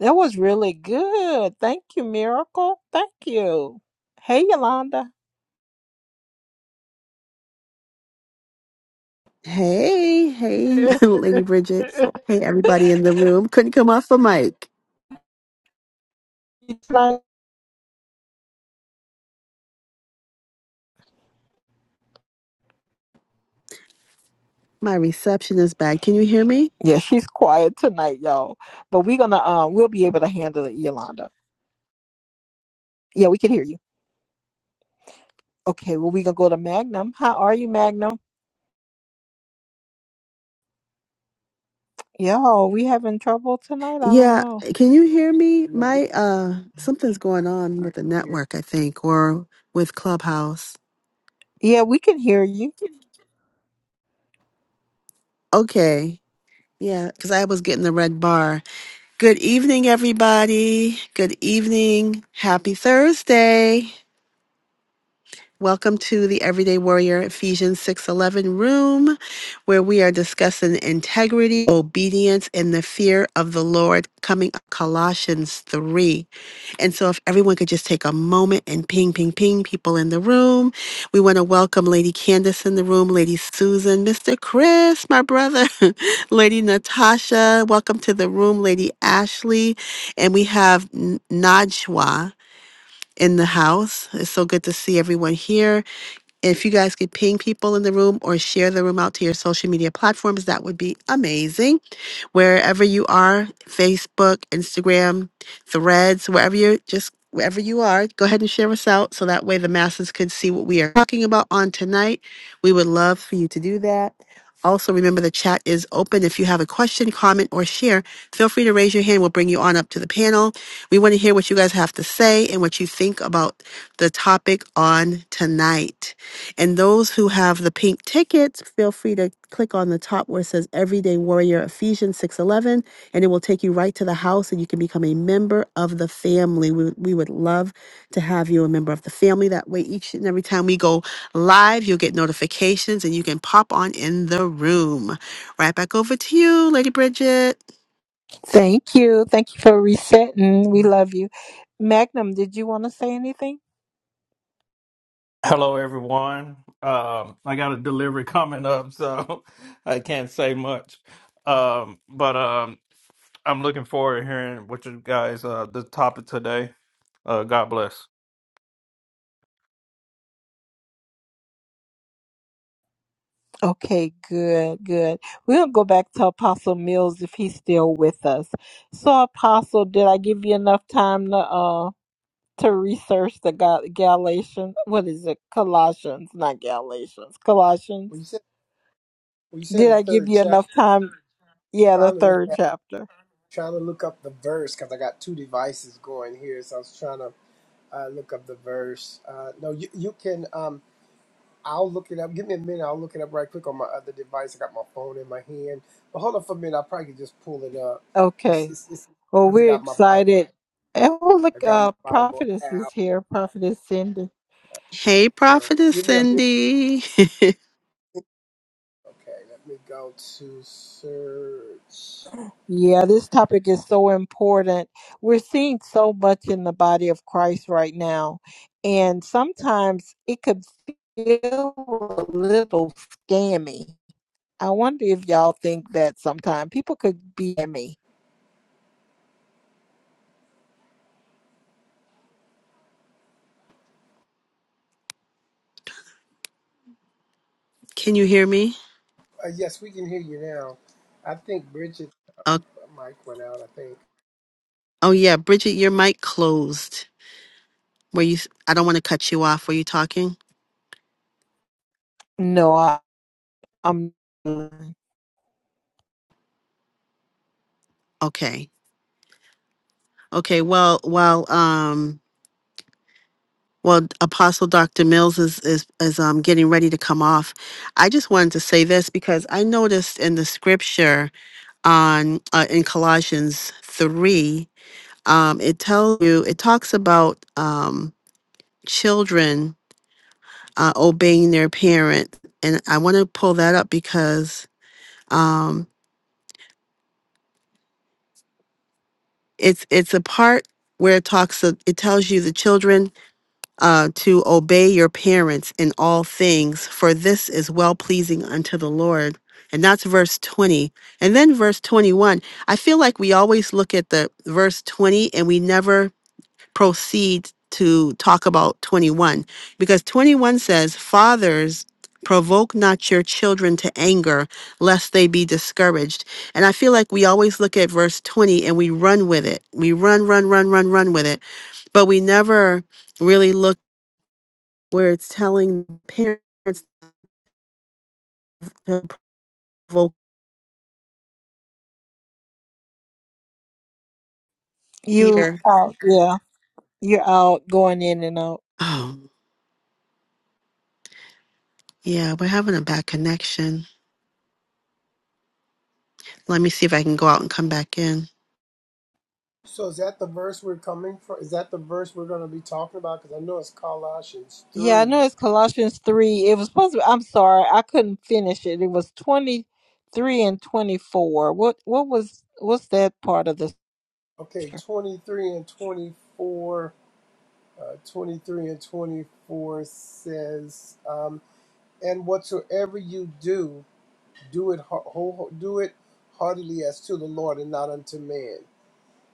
A: That was really good. Thank you, Miracle. Thank you. Hey, Yolanda.
E: Hey, hey, Lady
A: She's
E: Bridget. Hey, everybody in the room. Couldn't come off the mic.
A: not-
E: My reception is bad. Can you hear me?
A: yeah, she's quiet tonight, y'all. But we're gonna um, we'll be able to handle it, Yolanda. Yeah, we can hear you. Okay, well, we gonna go to Magnum. How are you, Magnum? Yo, we having trouble tonight? I don't
E: Yeah,
A: know.
E: can you hear me?
B: no we
E: My
B: can
E: uh something's going on with the
B: hear
E: network, I think, or with Clubhouse.
A: Yeah, we can hear you.
E: Okay. Yeah, cuz I was getting the red bar. Good evening everybody. Good evening. Happy Thursday. Welcome to the Everyday Warrior Ephesians 6:11 room where we are discussing integrity, obedience and the fear of the Lord coming up Colossians 3. And so if everyone could just take a moment and ping ping ping people in the room. We want to welcome Lady Candace in the room, Lady Susan, Mr. Chris, my brother, Lady Natasha, welcome to the room, Lady Ashley, and we have N- Najwa in the house. It's so good to see everyone here. If you guys could ping people in the room or share the room out to your social media platforms, that would be amazing. Wherever you are, Facebook, Instagram, Threads, wherever you're just wherever you are, go ahead and share us out so that way the masses could see what we are talking about on tonight. We would love for you to do that. Also, remember the chat is open. If you have a question, comment, or share, feel free to raise your hand. We'll bring you on up to the panel. We want to hear what you guys have to say and what you think about the topic on tonight. And those who have the pink tickets, feel free to click on the top where it says Everyday Warrior Ephesians 611, and it will take you right to the house and you can become a member of the family. We, we would love to have you a member of the family. That way, each and every time we go live, you'll get notifications and you can pop on in the room. Right back over to you, Lady Bridget.
A: Thank you. Thank you for resetting. We love you. Magnum, did you want to say anything?
F: Hello, everyone. Um, I got a delivery coming up, so I can't say much. Um, but um, I'm looking forward to hearing what you guys uh, the topic today. Uh, God bless.
A: Okay, good, good. We'll go back to Apostle Mills if he's still with us. So, Apostle, did I give you enough time to? uh to research the Gal- Galatians. What is it? Colossians, not Galatians. Colossians.
B: when you said when you said
A: Did
B: the
A: I give
B: third
A: you
B: chapter
A: enough time? Yeah, the
B: trying to look
A: third
B: at
A: chapter.
B: trying to look up the verse because i got two devices going here so i was trying to uh, look up the verse uh, no you, you can um i'll look it up give me a minute i'll look it up right quick on my other device i got my phone in my hand but hold on for a minute i probably could just pull it up it's
A: Okay.
B: it's it's
A: Well,
B: because i
A: we're
B: got my bible
A: excited. And well,
B: i
A: look,
B: got my
A: uh,
B: bible
A: prophetess is
B: app
A: here. Prophetess Cindy.
E: Hey,
B: so
E: Prophetess
B: give me a minute
E: Cindy.
B: Okay, let me go to search.
A: Yeah, this topic is so important. We're seeing so much in the body of Christ right now, and sometimes it could feel a little scammy. I wonder if y'all think that sometimes people could be scammy.
E: can you hear me?
B: Uh, yes, we can hear you now. I think Bridget
E: Oh,
B: mic went out. I think.
E: oh, yeah, Bridget, your mic closed. Were you? I I don't want to cut you off. Were you talking?
A: No, I, I'm
E: Okay. Okay. Well, well, um, well, Apostle Dr. Mills is is is um getting ready to come off. I just wanted to say this because I noticed in the scripture on uh, in Colossians three, um, it tells you it talks about um children uh, obeying their parent, and I want to pull that up because um it's it's a part where it talks of, it tells you the children uh, to obey your parents in all things, for this is well pleasing unto the Lord. And that's verse 20. And then verse 21. I feel like we always look at the verse 20 and we never proceed to talk about 21 because 21 says, Fathers, provoke not your children to anger, lest they be discouraged. And I feel like we always look at verse 20 and we run with it. We run, run, run, run, run with it. But we never really look where it's telling parents to provoke
A: you
E: here.
A: out. Yeah, you're out going in and out.
E: Oh, yeah, we're having a bad connection. Let me see if I can go out and come back in.
B: So is that the verse we're coming from? Is that the verse we're going to be talking about? Because I know it's Colossians
A: Yeah, I
B: three.
A: know it's Colossians 3. It was supposed to be, I'm sorry, I couldn't finish it. It was 23 and 24. What what was what's that part of the
B: Okay,
A: scripture?
B: twenty three and twenty four. Uh, 23 and 24 says, um, "And whatsoever you do, do it ho- ho- do it heartily as to the Lord and not unto man,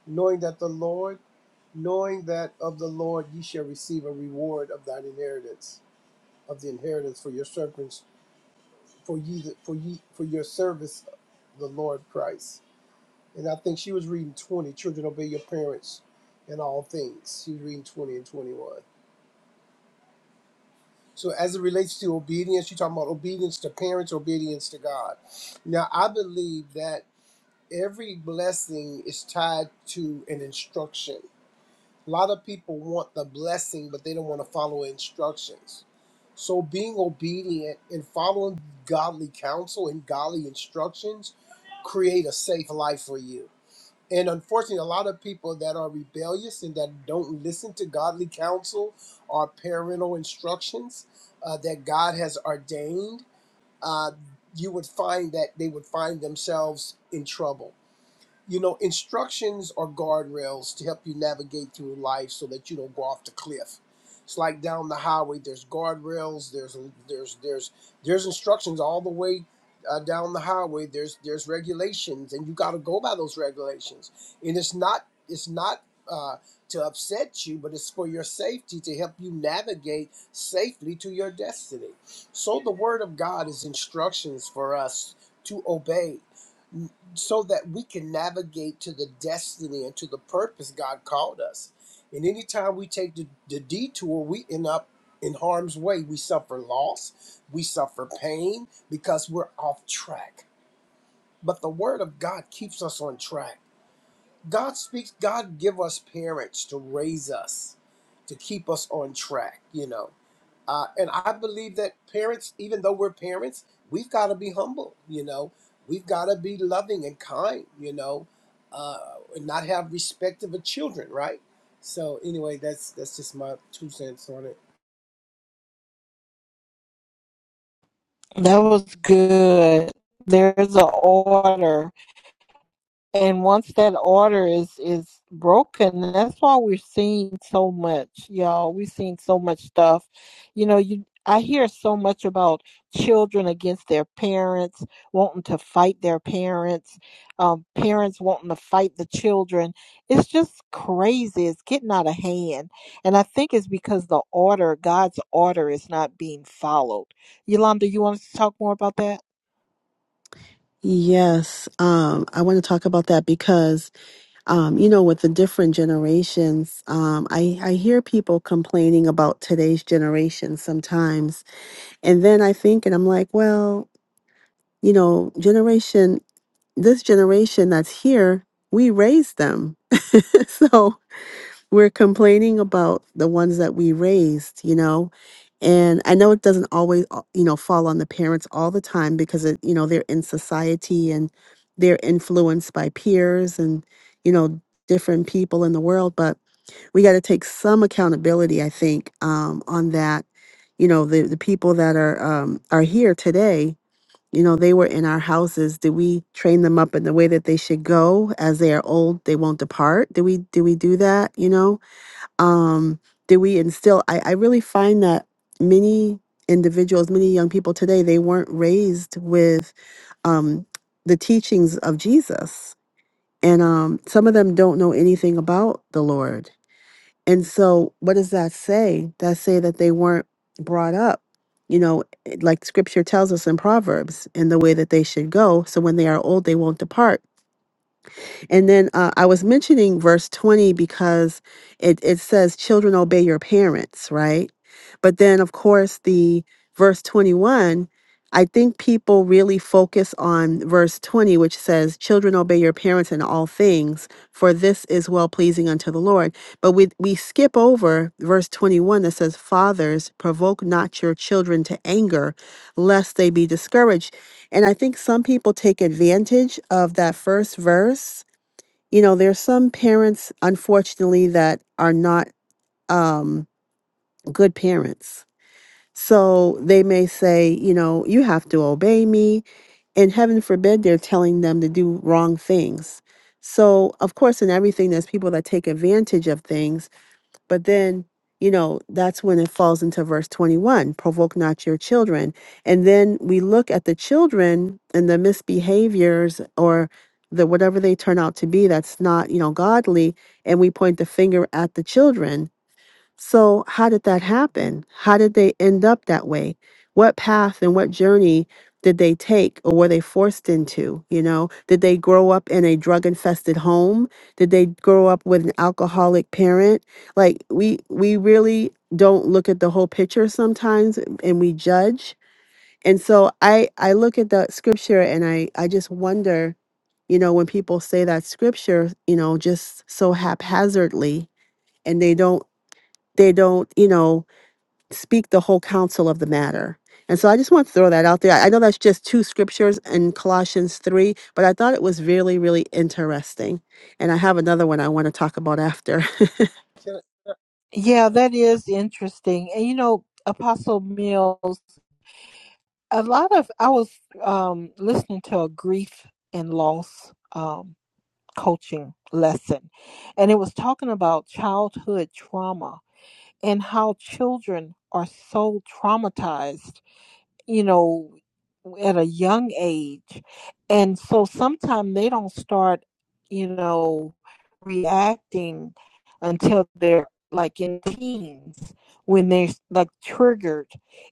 B: knowing that the Lord." knowing that of the Lord ye shall receive a reward of thine inheritance, of the inheritance for your servants, for ye, for ye, for your service, the Lord Christ. And I think she was reading twenty. Children, obey your parents in all things. She was reading twenty and twenty-one. So as it relates to obedience, you're talking about obedience to parents, obedience to God. Now I believe that every blessing is tied to an instruction A lot of people want the blessing, but they don't want to follow instructions. So being obedient and following godly counsel and godly instructions create a safe life for you. And unfortunately, a lot of people that are rebellious and that don't listen to godly counsel or parental instructions uh, that God has ordained, uh, you would find that they would find themselves in trouble you know, instructions are guardrails to help you navigate through life so that you don't go off the cliff. It's like down the highway. There's guardrails. There's there's there's there's instructions all the way uh, down the highway. There's there's regulations, and you got to go by those regulations. And it's not it's not uh, to upset you, but it's for your safety to help you navigate safely to your destiny. So the word of God is instructions for us to obey so that we can navigate to the destiny and to the purpose God called us. And anytime we take the, the detour, we end up in harm's way. We suffer loss, we suffer pain because we're off track. But the word of God keeps us on track. God speaks, God give us parents to raise us, to keep us on track, you know. Uh, and I believe that parents, even though we're parents, we've got to be humble. You know, we've got to be loving and kind. You know, uh, and not have respect of the children, right? So anyway, that's that's just my two cents on it.
A: That was good. There's an order. And once that order is is broken, that's why we're seeing so much, y'all. We're seeing so much stuff. You know, you I hear so much about children against their parents, wanting to fight their parents, um, parents wanting to fight the children. It's just crazy. It's getting out of hand. And I think it's because the order, God's order, is not being followed. Yolanda, you want us to talk more about that?
E: Yes, um, I want to talk about that because, um, you know, with the different generations, um, I, I hear people complaining about today's generation sometimes. And then I think, and I'm like, well, you know, generation, this generation that's here, we raised them. so we're complaining about the ones that we raised, you know. And I know it doesn't always, a- you know, fall on the parents all the time because it, you know, they're in society and they're influenced by peers and, you know, different people in the world. But we got to take some accountability, I think, um, on that. You know, the the people that are um, are here today, you know, they were in our houses. Did we train them up in the way that they should go? As they are old, they won't depart. Do we do we do that? You know, um, did we instill I, I really find that many individuals many young people today they weren't raised with um, the teachings of jesus and um, some of them don't know anything about the lord and so what does that say that say that they weren't brought up you know like scripture tells us in proverbs in the way that they should go so when they are old they won't depart and then uh, I was mentioning verse 20 because it, it says, Children obey your parents, right? But then, of course, the verse 21, I think people really focus on verse 20, which says, Children obey your parents in all things, for this is well pleasing unto the Lord. But we, we skip over verse 21 that says, Fathers, provoke not your children to anger, lest they be discouraged. And I think some people take advantage of that first verse you know, there's some parents, unfortunately, that are not um, good parents. So they may say, you know, you have to obey me. And heaven forbid they're telling them to do wrong things. So, of course, in everything, there's people that take advantage of things. But then, you know, that's when it falls into verse 21 provoke not your children. And then we look at the children and the misbehaviors or the whatever they turn out to be that's not, you know, godly. And we point the finger at the children so, how did that happen? How did they end up that way? What path and what journey did they take or were they forced into? You know, did they grow up in a drug infested home? Did they grow up with an alcoholic parent? Like we we really don't look at the whole picture sometimes and we judge. And so I I look at that scripture and I I just wonder, you know, when people say that scripture, you know, just so haphazardly and they don't they don't, you know, speak the whole counsel of the matter. And so I just want to throw that out there. I know that's just two scriptures in Colossians 3, but I thought it was really, really interesting. And I have another one I want to talk about after.
B: Can I,
A: Yeah, that is interesting. And you know, Apostle Mills, a lot of I was um listening to a grief and loss um coaching lesson, and it was talking about childhood trauma and how children are so traumatized you know, at a young age. And so sometimes they don't start, you know, reacting until they're like in teens when they're like triggered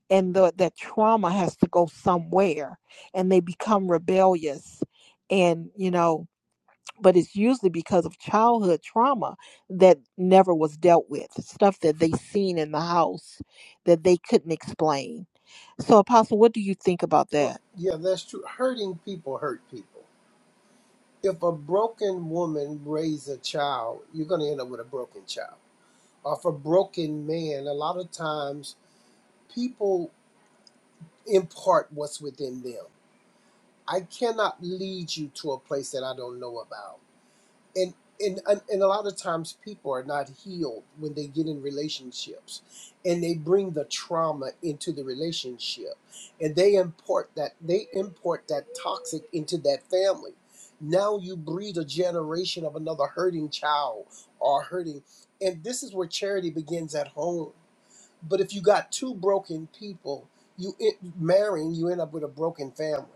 A: and the, that trauma has to go somewhere and they become rebellious. And, you know, but it's usually because of childhood trauma that never was dealt with stuff that they seen in the house that they couldn't explain so apostle what do you think about
B: well,
A: that
B: yeah, that's true. Hurting people hurt people. If a broken woman raise a child, you're going to end up with a broken child. Or if a broken man, a lot of times people impart what's within them I cannot lead you to a place that I don't know about. And and and, and a lot of times people are not healed when they get in relationships and they bring the trauma into the relationship and they import that they import that toxic into that family. Now you breed a generation of another hurting child or hurting and this is where charity begins at home. But if you got two broken people, you it, marrying, you end up with a broken family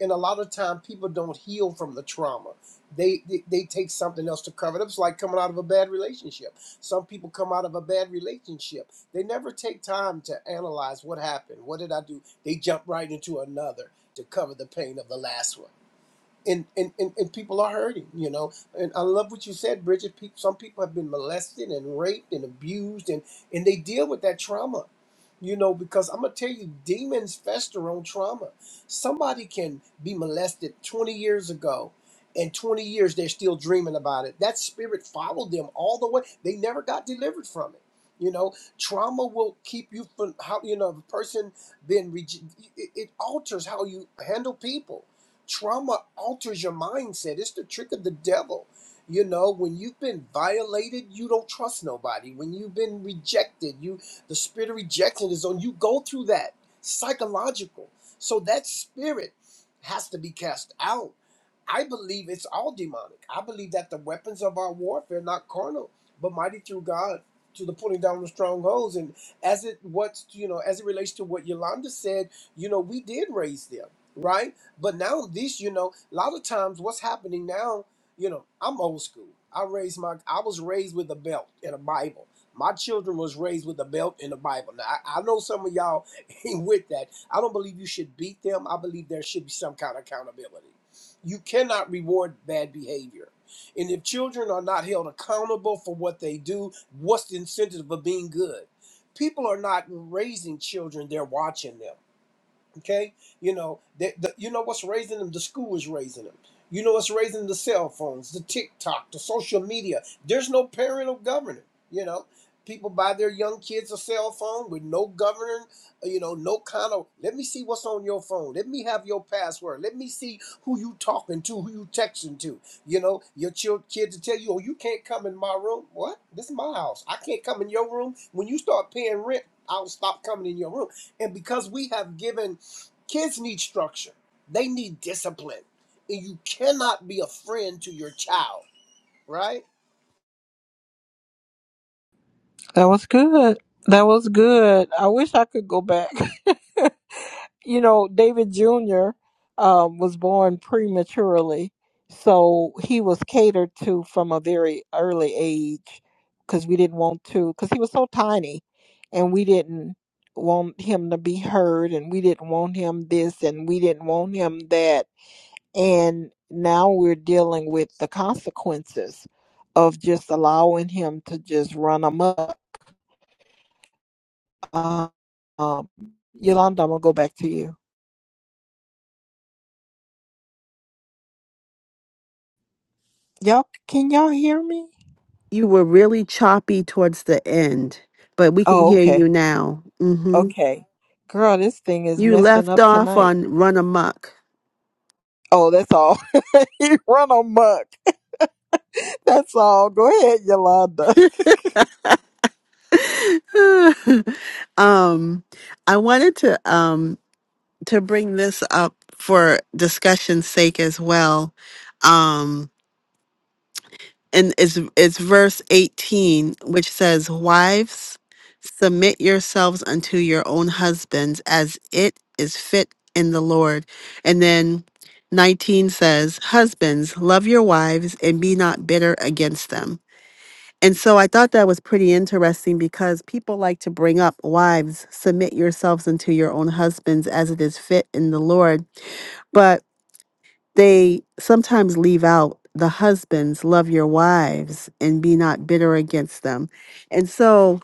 B: and a lot of time people don't heal from the trauma they, they they take something else to cover it up it's like coming out of a bad relationship some people come out of a bad relationship they never take time to analyze what happened what did i do they jump right into another to cover the pain of the last one and, and, and, and people are hurting, you know. And I love what you said, Bridget. People, some people have been molested and raped and abused, and, and they deal with that trauma, you know, because I'm going to tell you, demons fester on trauma. Somebody can be molested 20 years ago, and 20 years they're still dreaming about it. That spirit followed them all the way. They never got delivered from it. You know, trauma will keep you from how, you know, a person being, rege- it, it alters how you handle people trauma alters your mindset. It's the trick of the devil. You know, when you've been violated, you don't trust nobody. When you've been rejected, you the spirit of rejection is on you. Go through that psychological. So that spirit has to be cast out. I believe it's all demonic. I believe that the weapons of our warfare are not carnal, but mighty through God to the pulling down of strongholds. And as it what you know, as it relates to what Yolanda said, you know, we did raise them, right? But now this, you know, a lot of times what's happening now, you know, I'm old school. I raised my I was raised with a belt and a Bible. My children was raised with a belt and a Bible. Now I, I know some of y'all ain't with that. I don't believe you should beat them. I believe there should be some kind of accountability. You cannot reward bad behavior. And if children are not held accountable for what they do, what's the incentive of being good? People are not raising children, they're watching them Okay, you know that the, you know what's raising them. The school is raising them. You know what's raising them? The cell phones, the TikTok, the social media. There's no parental governing. You know, people buy their young kids a cell phone with no governing. uh, You know, no kind of let me see what's on your phone. Let me have your password. Let me see who you talking to, who you texting to. You know, your child kids to tell you, oh, you can't come in my room. What? This is my house. I can't come in your room. When you start paying rent, I'll stop coming in your room. And because we have given Kids need structure. They need discipline. And you cannot be a friend to your child, right?
A: That was good. That was good. I wish I could go back. you know, David Jr. Um, was born prematurely, so he was catered to from a very early age because we didn't want to, because he was so tiny, and we didn't want him to be heard, and we didn't want him this, and we didn't want him that, and now we're dealing with the consequences of just allowing him to just run amok um, um, Yolanda, I'm gonna go back to you. Y'all, can y'all hear me?
E: you were really choppy towards the end, but we can
A: Oh,
E: hear
A: okay,
E: you now. hmm
A: okay. Girl, this thing is
E: You
A: messing
E: left
A: up
E: off
A: tonight.
E: on run amok.
A: Oh, that's all. you run amok. That's all. Go ahead, Yolanda.
E: um, I wanted to um, to bring this up for discussion's sake as well. Um, and it's it's verse 18 which says wives submit yourselves unto your own husbands as it is fit in the lord and then 19 says husbands love your wives and be not bitter against them and so i thought that was pretty interesting because people like to bring up wives submit yourselves unto your own husbands as it is fit in the lord but they sometimes leave out the husbands love your wives and be not bitter against them and so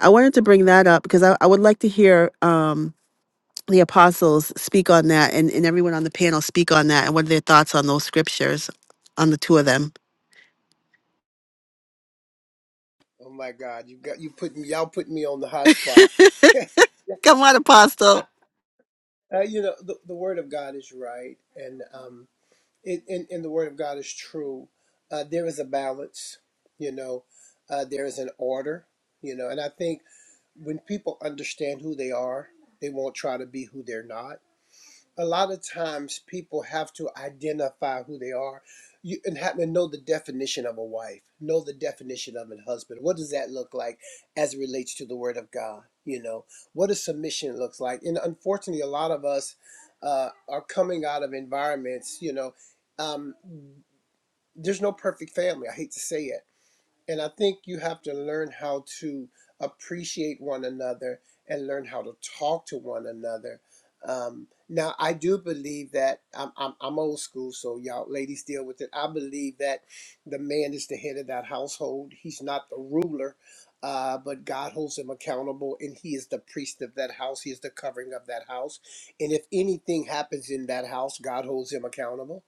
E: i wanted to bring that up because i, I would like to hear um, the apostles speak on that and, and everyone on the panel speak on that and what are their thoughts on those scriptures on the two of them
B: Oh my God, you got you put me y'all put me on the hot spot.
E: come on apostle
B: Uh, you know, the, the word of God is right and um it and, and the word of God is true. Uh, there is a balance, you know, uh, there is an order, you know, and I think when people understand who they are, they won't try to be who they're not a lot of times people have to identify who they are you, and have to know the definition of a wife, know the definition of a husband. What does that look like as it relates to the Word of God? You know, what does submission looks like? And unfortunately, a lot of us uh, are coming out of environments, you know, um, there's no perfect family. I hate to say it and I think you have to learn how to appreciate one another and learn how to talk to one another. Um, now, I do believe that I'm, I'm, I'm old school, so y'all ladies deal with it. I believe that the man is the head of that household, he's not the ruler. Uh, but God holds him accountable, and He is the priest of that house. He is the covering of that house. And if anything happens in that house, God holds him accountable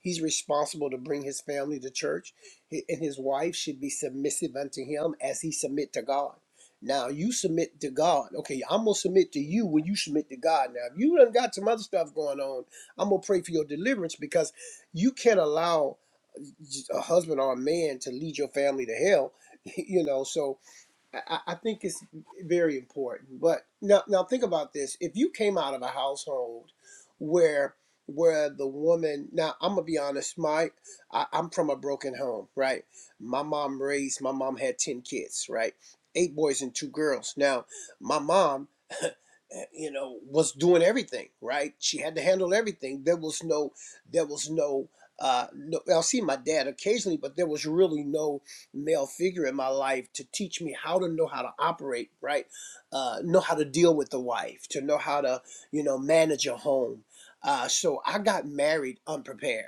B: He's responsible to bring his family to church, He- and his wife should be submissive unto him as he submit to God. Now you submit to God. Okay, I'm gonna submit to you when you submit to God. Now, if you done got some other stuff going on, I'm gonna pray for your deliverance because you can't allow a husband or a man to lead your family to hell. You know, so I, I think it's very important. But now, now think about this: if you came out of a household where where the woman, now I'm gonna be honest, my I, I'm from a broken home, right? My mom raised, my mom had ten kids, right? Eight boys and two girls. Now, my mom uh, you know was doing everything right she had to handle everything there was no there was no uh no, i'll see my dad occasionally but there was really no male figure in my life to teach me how to know how to operate right uh know how to deal with the wife to know how to you know manage a home uh so i got married unprepared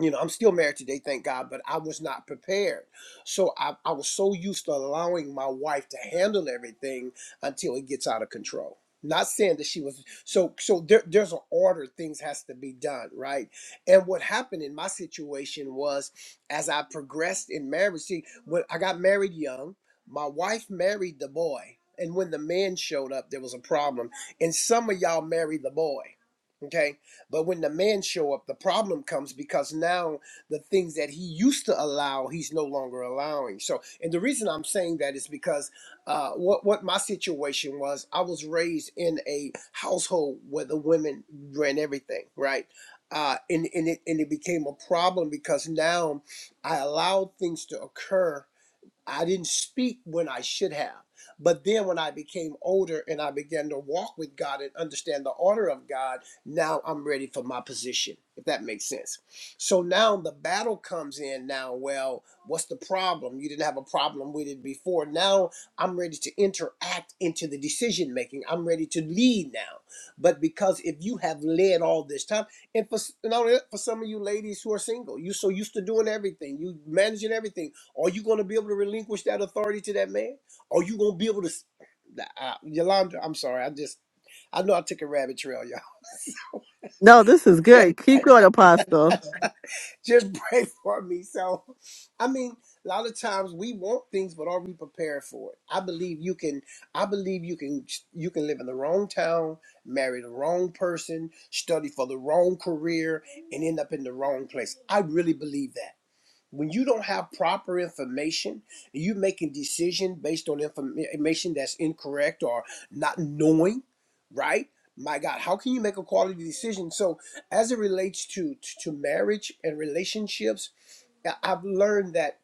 B: you know, I'm still married today, thank God, but I was not prepared. So I, I was so used to allowing my wife to handle everything until it gets out of control. Not saying that she was so so there, there's an order things has to be done, right? And what happened in my situation was as I progressed in marriage, see, when I got married young, my wife married the boy. And when the man showed up, there was a problem. And some of y'all married the boy. Okay but when the man show up, the problem comes because now the things that he used to allow, he's no longer allowing. So, and the reason I'm saying that is because uh, what what my situation was, I was raised in a household where the women ran everything, right? Uh, and and it and it became a problem because now I allowed things to occur I didn't speak when I should have. But then when I became older and I began to walk with God and understand the order of God, now I'm ready for my position, if that makes sense. So now the battle comes in now. Well, what's the problem? You didn't have a problem with it before. Now I'm ready to interact into the decision making. I'm ready to lead now. But because if you have led all this time, and for, s- and only for some of you ladies who are single, you so used to doing everything, you managing everything are you going to be able to relinquish that authority to that man? Are you going to be able to? s- Uh, Yolanda, I'm sorry. I just, I know I took a rabbit trail, y'all.
E: no this is good keep going apostle
B: just pray for me. So, I mean, a lot of times we want things, but are we prepared for it? I believe you can. I believe you can. You can live in the wrong town, marry the wrong person, study for the wrong career, and end up in the wrong place. I really believe that. when you don't have proper information and you making decision based on information that's incorrect or not knowing right my god how can you make a quality decision so as it relates to to, marriage and relationships i've learned that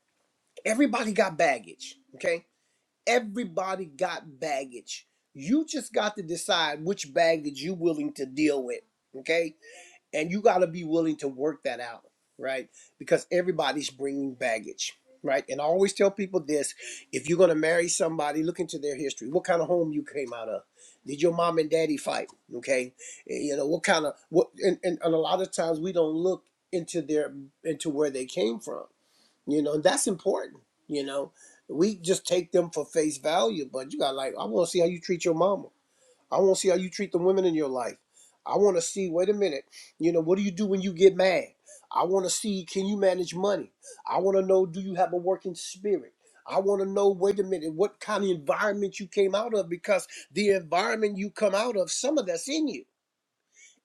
B: everybody got baggage okay everybody got baggage you just got to decide which baggage you're willing to deal with okay and you got to be willing to work that out right because everybody's bringing baggage right and i always tell people this if you're going to marry somebody look into their history what kind of home you came out of did your mom and daddy fight okay Eh, you know what kind of what and, and, and a lot of times we don't look into their into where they came from you know and that's important you know we just take them for face value but you got like i want to see how you treat your mama I want to see how you treat the women in your life. I want to see, wait a minute, you know, what do you do when you get mad? I want to see, can you manage money? I want to know, do you have a working spirit? I want to know, wait a minute, what kind of environment you came out of because the environment you come out of, some of that's in you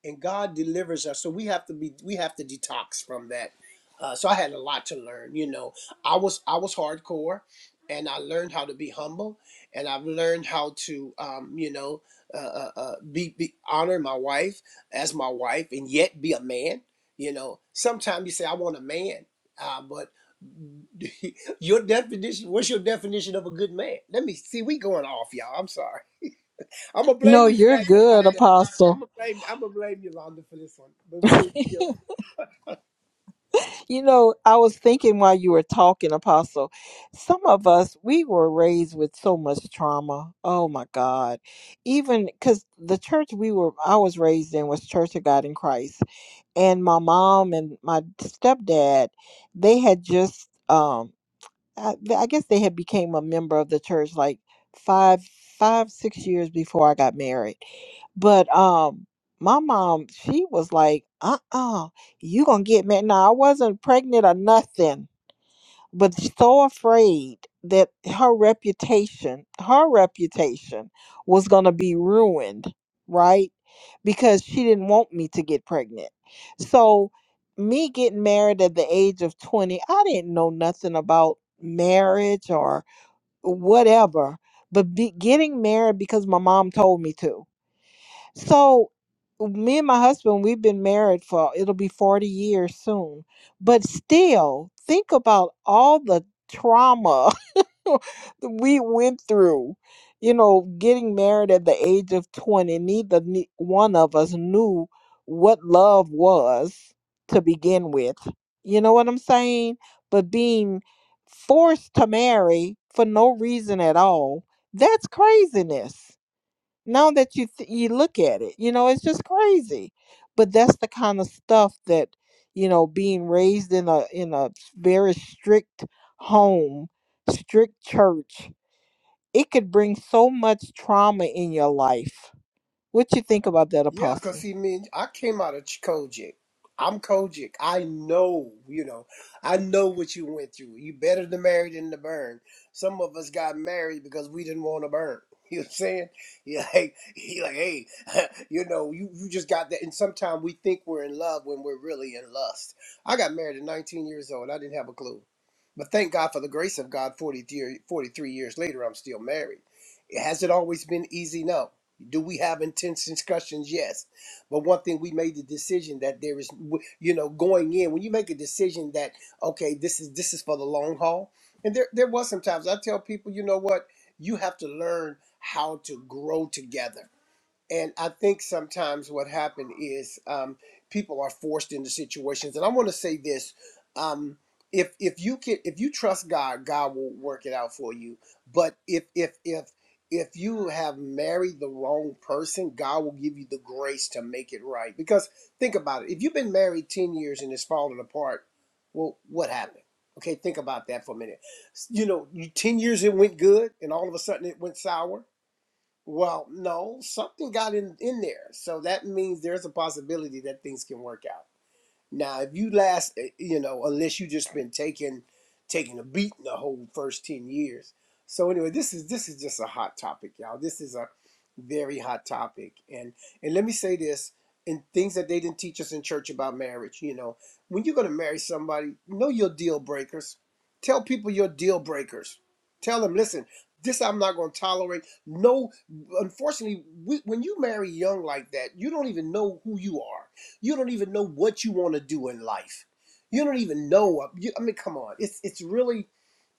B: and God delivers us. So we have to be we have to detox from that. Uh, so I had a lot to learn. You know, I was I was hardcore, and I learned how to be humble, and I've learned how to um, you know uh, uh, uh, be, be honor my wife as my wife, and yet be a man. You know, sometimes you say I want a man, uh, but your definition what's your definition of a good man let me see we going off y'all i'm sorry I'm gonna blame
A: No,
B: you for
A: you're
B: that,
A: good,
B: Yolanda. I'm
A: Apostle.
B: gonna blame. I'm gonna blame Yolanda for this one. But we gonna.
A: you know, I was thinking while you were talking, Apostle, some of us, we were raised with so much trauma. Oh my God. Even because the church we were, I was raised in was Church of God in Christ and my mom and my stepdad they had just um I, I guess they had became a member of the church like five five six years before i got married but um my mom she was like uh-uh you gonna get married now i wasn't pregnant or nothing but so afraid that her reputation, her reputation was going to be ruined, right? Because she didn't want me to get pregnant. So, me getting married at the age of 20, I didn't know nothing about marriage or whatever, but be, getting married because my mom told me to. So me and my husband, we've been married for it'll be 40 years soon. But still, think about all the trauma that we went through. You know, getting married at the age of 20, neither ne- one of us knew what love was to begin with. You know what I'm saying? But being forced to marry for no reason at all, that's craziness now that you th- you look at it you know it's just crazy but that's the kind of stuff that you know being raised in a in a very strict home strict church it could bring so much trauma in your life what you think about that
B: Yeah, because
A: apostle
B: see, man, I came out of Ch- Kojic. I'm Kojic. I know, you know, I know what you went through. You better to marry than to burn. Some of us got married because we didn't want to burn. You know what I'm saying? Yeah, like, he like, hey, you know, you, you just got that. And sometimes we think we're in love when we're really in lust. I got married at 19 years old. I didn't have a clue. But thank God for the grace of God, 43, 43 years later, I'm still married. Has it always been easy? No. Do we have intense discussions? Yes. But one thing we made the decision that there is, you know, going in when you make a decision that okay, this is this is for the long haul. And there there was sometimes I tell people, you know what, you have to learn how to grow together and I think sometimes what happened is um, people are forced into situations. And I want to say this: um, if if you can, if you trust God, God will work it out for you. But if if if if you have married the wrong person, God will give you the grace to make it right. Because think about it: if you've been married ten years and it's falling apart, well, what happened? Okay, think about that for a minute. You know, you ten years it went good, and all of a sudden it went sour well, no, something got in in there, so that means there's a possibility that things can work out. Now, if you last, eh, you know, unless you just been taking taking a beating the whole first ten years. So anyway, this is this is just a hot topic, y'all. This is a very hot topic, and and let me say this: in things that they didn't teach us in church about marriage. You know, when you're gonna marry somebody, know your deal breakers. Tell people your deal breakers. Tell them, listen, this I'm not gonna tolerate. No, unfortunately, we, when you marry young like that, you don't even know who you are you don't even know what you want to do in life. You don't even know. I mean, come on. It's it's really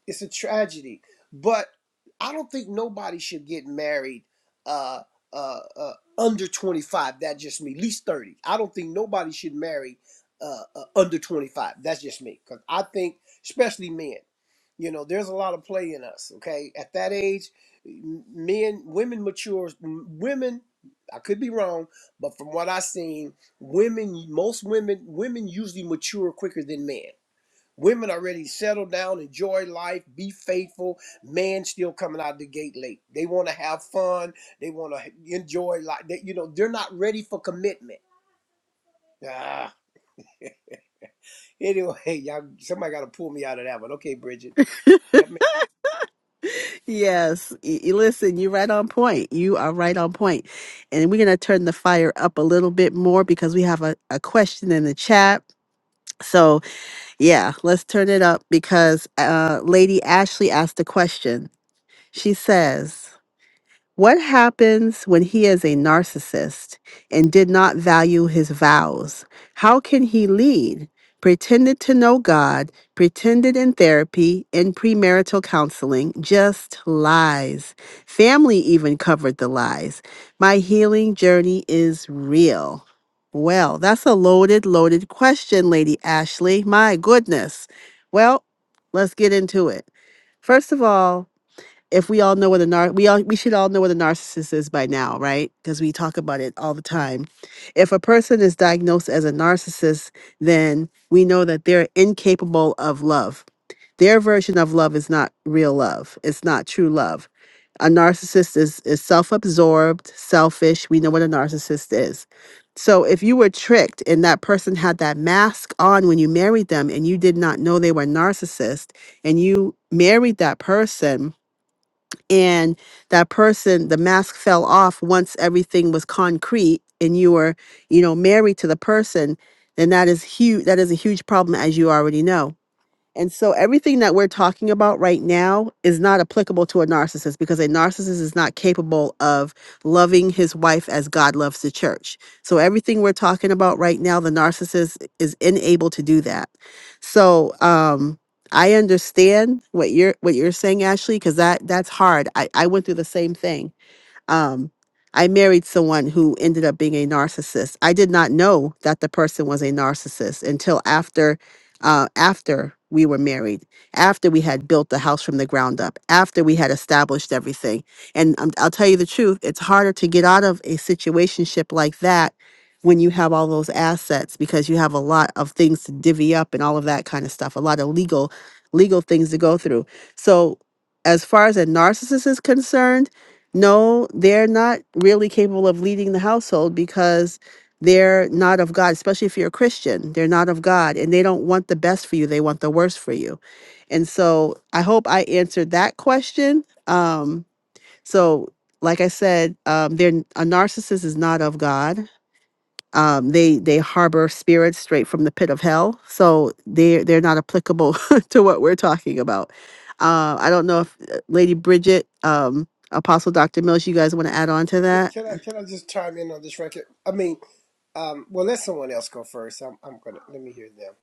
B: it's a tragedy. But I don't think nobody should get married uh, uh, uh, under 25. That's just me. At least 30. I don't think nobody should marry uh, uh, under 25. That's just me. Because I think, especially men, you know, there's a lot of play in us. Okay, at that age, m- men, women matures. m- Women, I could be wrong, but from what I've seen, women, most women, women usually mature quicker than men Women already settle down, enjoy life, be faithful. Men still coming out the gate late. They want to have fun. They want to enjoy life. They, you know, they're not ready for commitment. Ah, anyway, y'all, somebody got to pull me out of that one. Okay, Bridget. Help me.
E: yes y- y- listen you're right on point you are right on point and we're going to turn the fire up a little bit more because we have a, a question in the chat So, yeah, let's turn it up because uh, Lady Ashley asked a question. She says, what happens when he is a narcissist and did not value his vows? How can he lead? Pretended to know God, pretended in therapy, in premarital counseling, just lies. Family even covered the lies. My healing journey is real. Well, that's a loaded, loaded question, Lady Ashley. My goodness. Well, let's get into it. First of all, if we all know what a nar we all we should all know what a narcissist is by now, right? Because we talk about it all the time. If a person is diagnosed as a narcissist, then we know that they're incapable of love. Their version of love is not real love. It's not true love. A narcissist is is self-absorbed, selfish. We know what a narcissist is. So if you were tricked and that person had that mask on when you married them and you did not know they were a narcissist and you married that person, and that person the mask fell off once everything was concrete and you were you know married to the person then that is huge that is a huge problem as you already know and so everything that we're talking about right now is not applicable to a narcissist because a narcissist is not capable of loving his wife as God loves the church. So everything we're talking about right now, the narcissist is unable to do that. So um I understand what you're what you're saying, Ashley, because that that's hard. I, I went through the same thing. Um, I married someone who ended up being a narcissist. I did not know that the person was a narcissist until after, uh, after we were married, after we had built the house from the ground up, after we had established everything. And um, I'll tell you the truth, it's harder to get out of a situationship like that when you have all those assets because you have a lot of things to divvy up and all of that kind of stuff, a lot of legal legal things to go through. So as far as a narcissist is concerned, no, they're not really capable of leading the household because they're not of God, especially if you're a Christian. They're not of God and they don't want the best for you, they want the worst for you. And so I hope I answered that question. Um, so, like I said, um, they're, a narcissist is not of God um, they they harbor spirits straight from the pit of hell, so they they're not applicable to what we're talking about. Uh, I don't know if uh, Lady Bridget, um, Apostle Doctor Mills, you guys want to add on to
B: Can,
E: that,
B: can I can I just chime in on this record? I mean, um, well, let someone else go first. I'm I'm gonna let me hear them.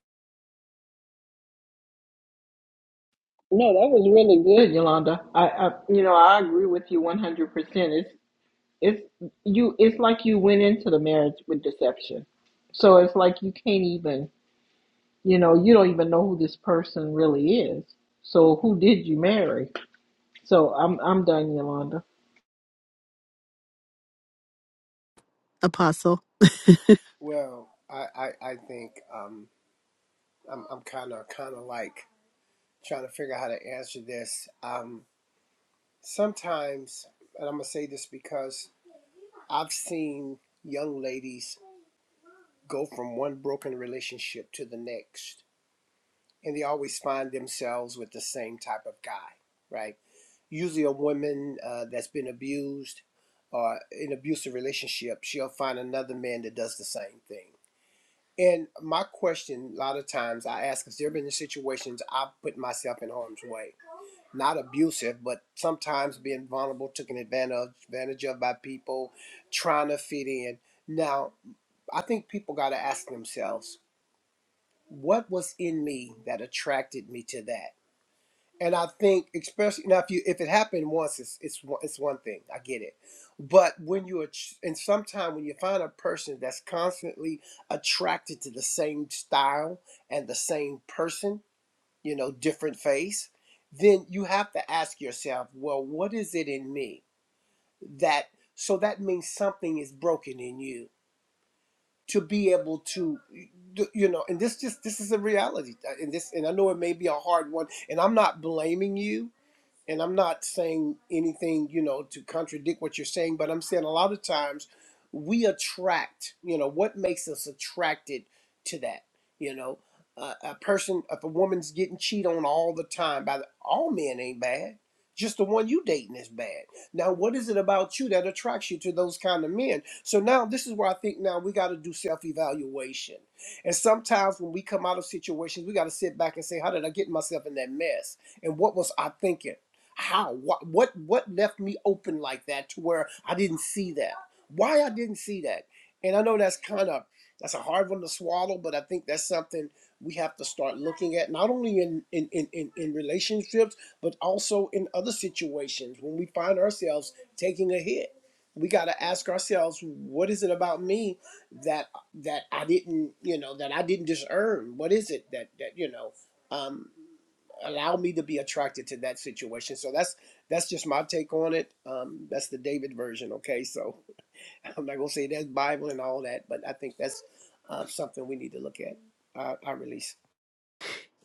A: Good, Yolanda. I, I, you know, I agree with you 100%. It's, it's you it's like you went into the marriage with deception so it's like you can't even you know you don't even know who this person really is so who did you marry so i'm i'm done yolanda
E: Apostle.
B: Well, I I, I think um, I'm I'm kind of kind of like trying to figure out how to answer this. Um, Sometimes, and I'm going to say this because I've seen young ladies go from one broken relationship to the next, and they always find themselves with the same type of guy, right? Usually, a woman uh, that's been abused or in an abusive relationship, she'll find another man that does the same thing. And my question, a lot of times I ask, has there been situations I've put myself in harm's way? not abusive, but sometimes being vulnerable, taken advantage advantage of by people trying to fit in. Now, I think people got to ask themselves, what was in me that attracted me to that? And I think, especially now, if you if it happened once, it's it's one- it's one thing. I get it, but when you att- and sometimes when you find a person that's constantly attracted to the same style and the same person, you know, different face, then you have to ask yourself, well, what is it in me that so that means something is broken in you to be able to you know and this just this is a reality uh, and this and i know it may be a hard one and i'm not blaming you and I'm not saying anything, you know, to contradict what you're saying, but I'm saying a lot of times we attract, you know, what makes us attracted to that, you know, uh, a person, if a woman's getting cheated on all the time by the, all men ain't bad. Just the one you dating is bad. Now, what is it about you that attracts you to those kind of men? So now this is where I think now we got to do self-evaluation. And sometimes when we come out of situations, we got to sit back and say, how did I get myself in that mess? And what was I thinking? How? What? What? What left me open like that to where I didn't see that? Why I didn't see that? And I know that's kind of that's a hard one to swallow, but I think that's something we have to start looking at not only in in in, in, in relationships, but also in other situations when we find ourselves taking a hit. We got to ask ourselves, what is it about me that that I didn't, you know, that I didn't just earn? What is it that that you know? um, allow me to be attracted to that situation. So that's that's just my take on it. Um, that's the David version. Okay, so I'm not gonna say that's Bible and all that, but I think that's uh, something we need to look at. I, I release.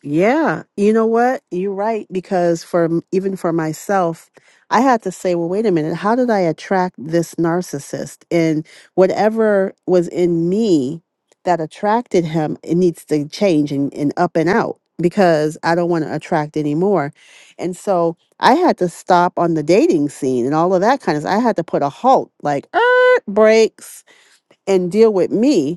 E: Yeah, you know what? You're right because for m- even for myself, I had to say, well, wait a minute, how did I attract this narcissist? And whatever was in me that attracted him, it needs to change and, and up and out because I don't want to attract anymore. And so I had to stop on the dating scene and all of that kind of I had to put a halt, like, er, breaks and deal with me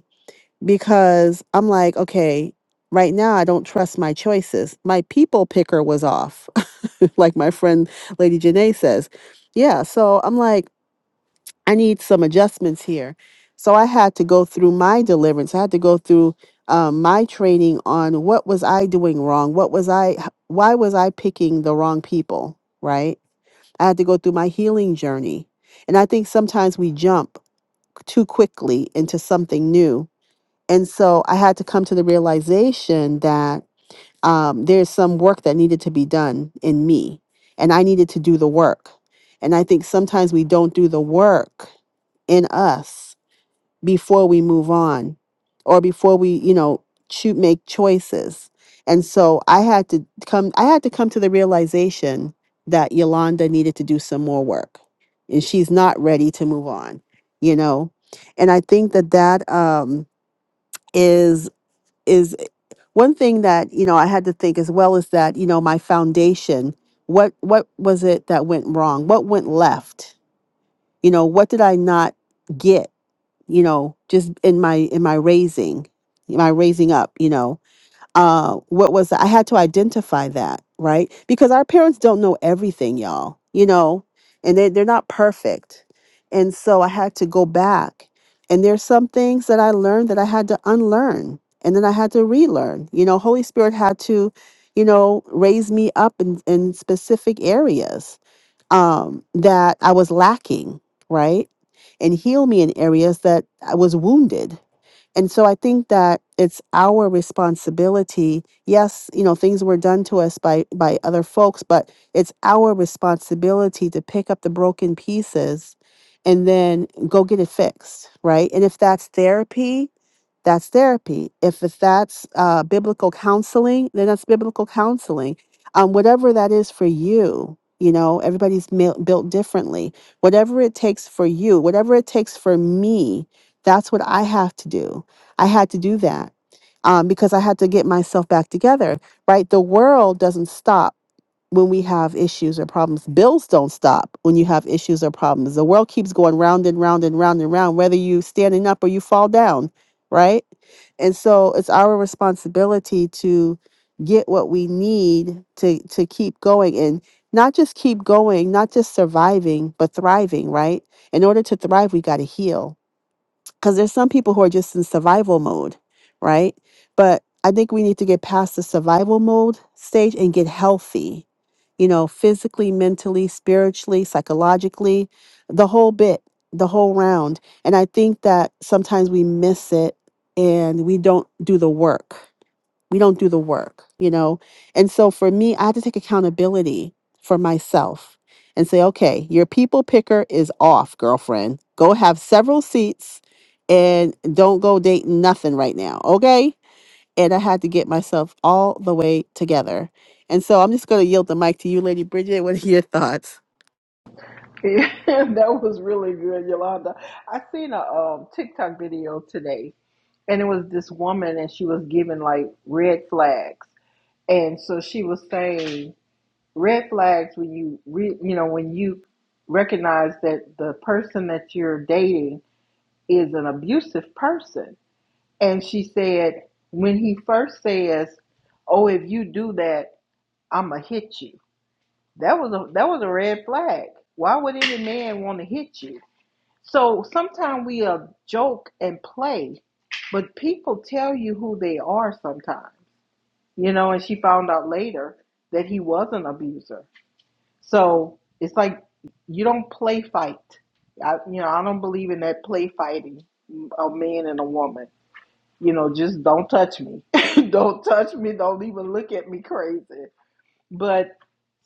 E: because I'm like, okay, right now I don't trust my choices. My people picker was off, like my friend Lady Janae says. Yeah, so I'm like, I need some adjustments here. So I had to go through my deliverance. I had to go through um, my training on what was I doing wrong? What was I? h- Why was I picking the wrong people? Right? I had to go through my healing journey, and I think sometimes we jump too quickly into something new and so I had to come to the realization that um, there's some work that needed to be done in me, and I needed to do the work. And I think sometimes we don't do the work in us before we move on or before we, you know, shoot, make choices. And so I had to come, I had to come to the realization that Yolanda needed to do some more work and she's not ready to move on, you know? And I think that that, um, is is one thing that you know i had to think as well is that you know my foundation what what was it that went wrong what went left you know what did i not get you know just in my in my raising my raising up you know uh, what was I had to identify that, right? Because our parents don't know everything, y'all, you know, and they, they're not perfect. And so I had to go back. And there's some things that I learned that I had to unlearn and then I had to relearn. You know, Holy Spirit had to, you know, raise me up in, in specific areas um, that I was lacking, right? And heal me in areas that I was wounded and so I think that it's our responsibility. Yes, you know, things were done to us by by other folks, but it's our responsibility to pick up the broken pieces and then go get it fixed, right? And if that's therapy, that's therapy. If it's, that's uh, biblical counseling, then that's biblical counseling. Um, whatever that is for you, you know, everybody's mil- built differently. Whatever it takes for you, whatever it takes for me, that's what I have to do. I had to do that um, because I had to get myself back together, right? The world doesn't stop when we have issues or problems. Bills don't stop when you have issues or problems. The world keeps going round and round and round and round, whether you standing up or you fall down, right? And so it's our responsibility to get what we need to to keep going and not just keep going, not just surviving, but thriving, right? In order to thrive, we got to heal because there's some people who are just in survival mode, right? But I think we need to get past the survival mode stage and get healthy, you know, physically, mentally, spiritually, psychologically, the whole bit, the whole round. And I think that sometimes we miss it and we don't do the work we don't do the work you know and so for me i had to take accountability for myself and say okay your people picker is off girlfriend go have several seats and don't go dating nothing right now okay and i had to get myself all the way together and so i'm just going to yield the mic to you lady bridget what are your thoughts
A: that was really good yolanda i seen a um, tiktok video today and it was this woman and she was giving like red flags and so she was saying red flags when you re, you know when you recognize that the person that you're dating is an abusive person. And she said, when he first says, "Oh, if you do that, I'ma hit you," that was a that was a red flag. Why would any man want to hit you? So sometimes we uh, joke and play, but people tell you who they are sometimes, you know. And she found out later that he was an abuser. So it's like you don't play fight. I, you know, I don't believe in that play fighting, a man and a woman. you know, just don't touch me. don't touch me. Don't even look at me crazy. But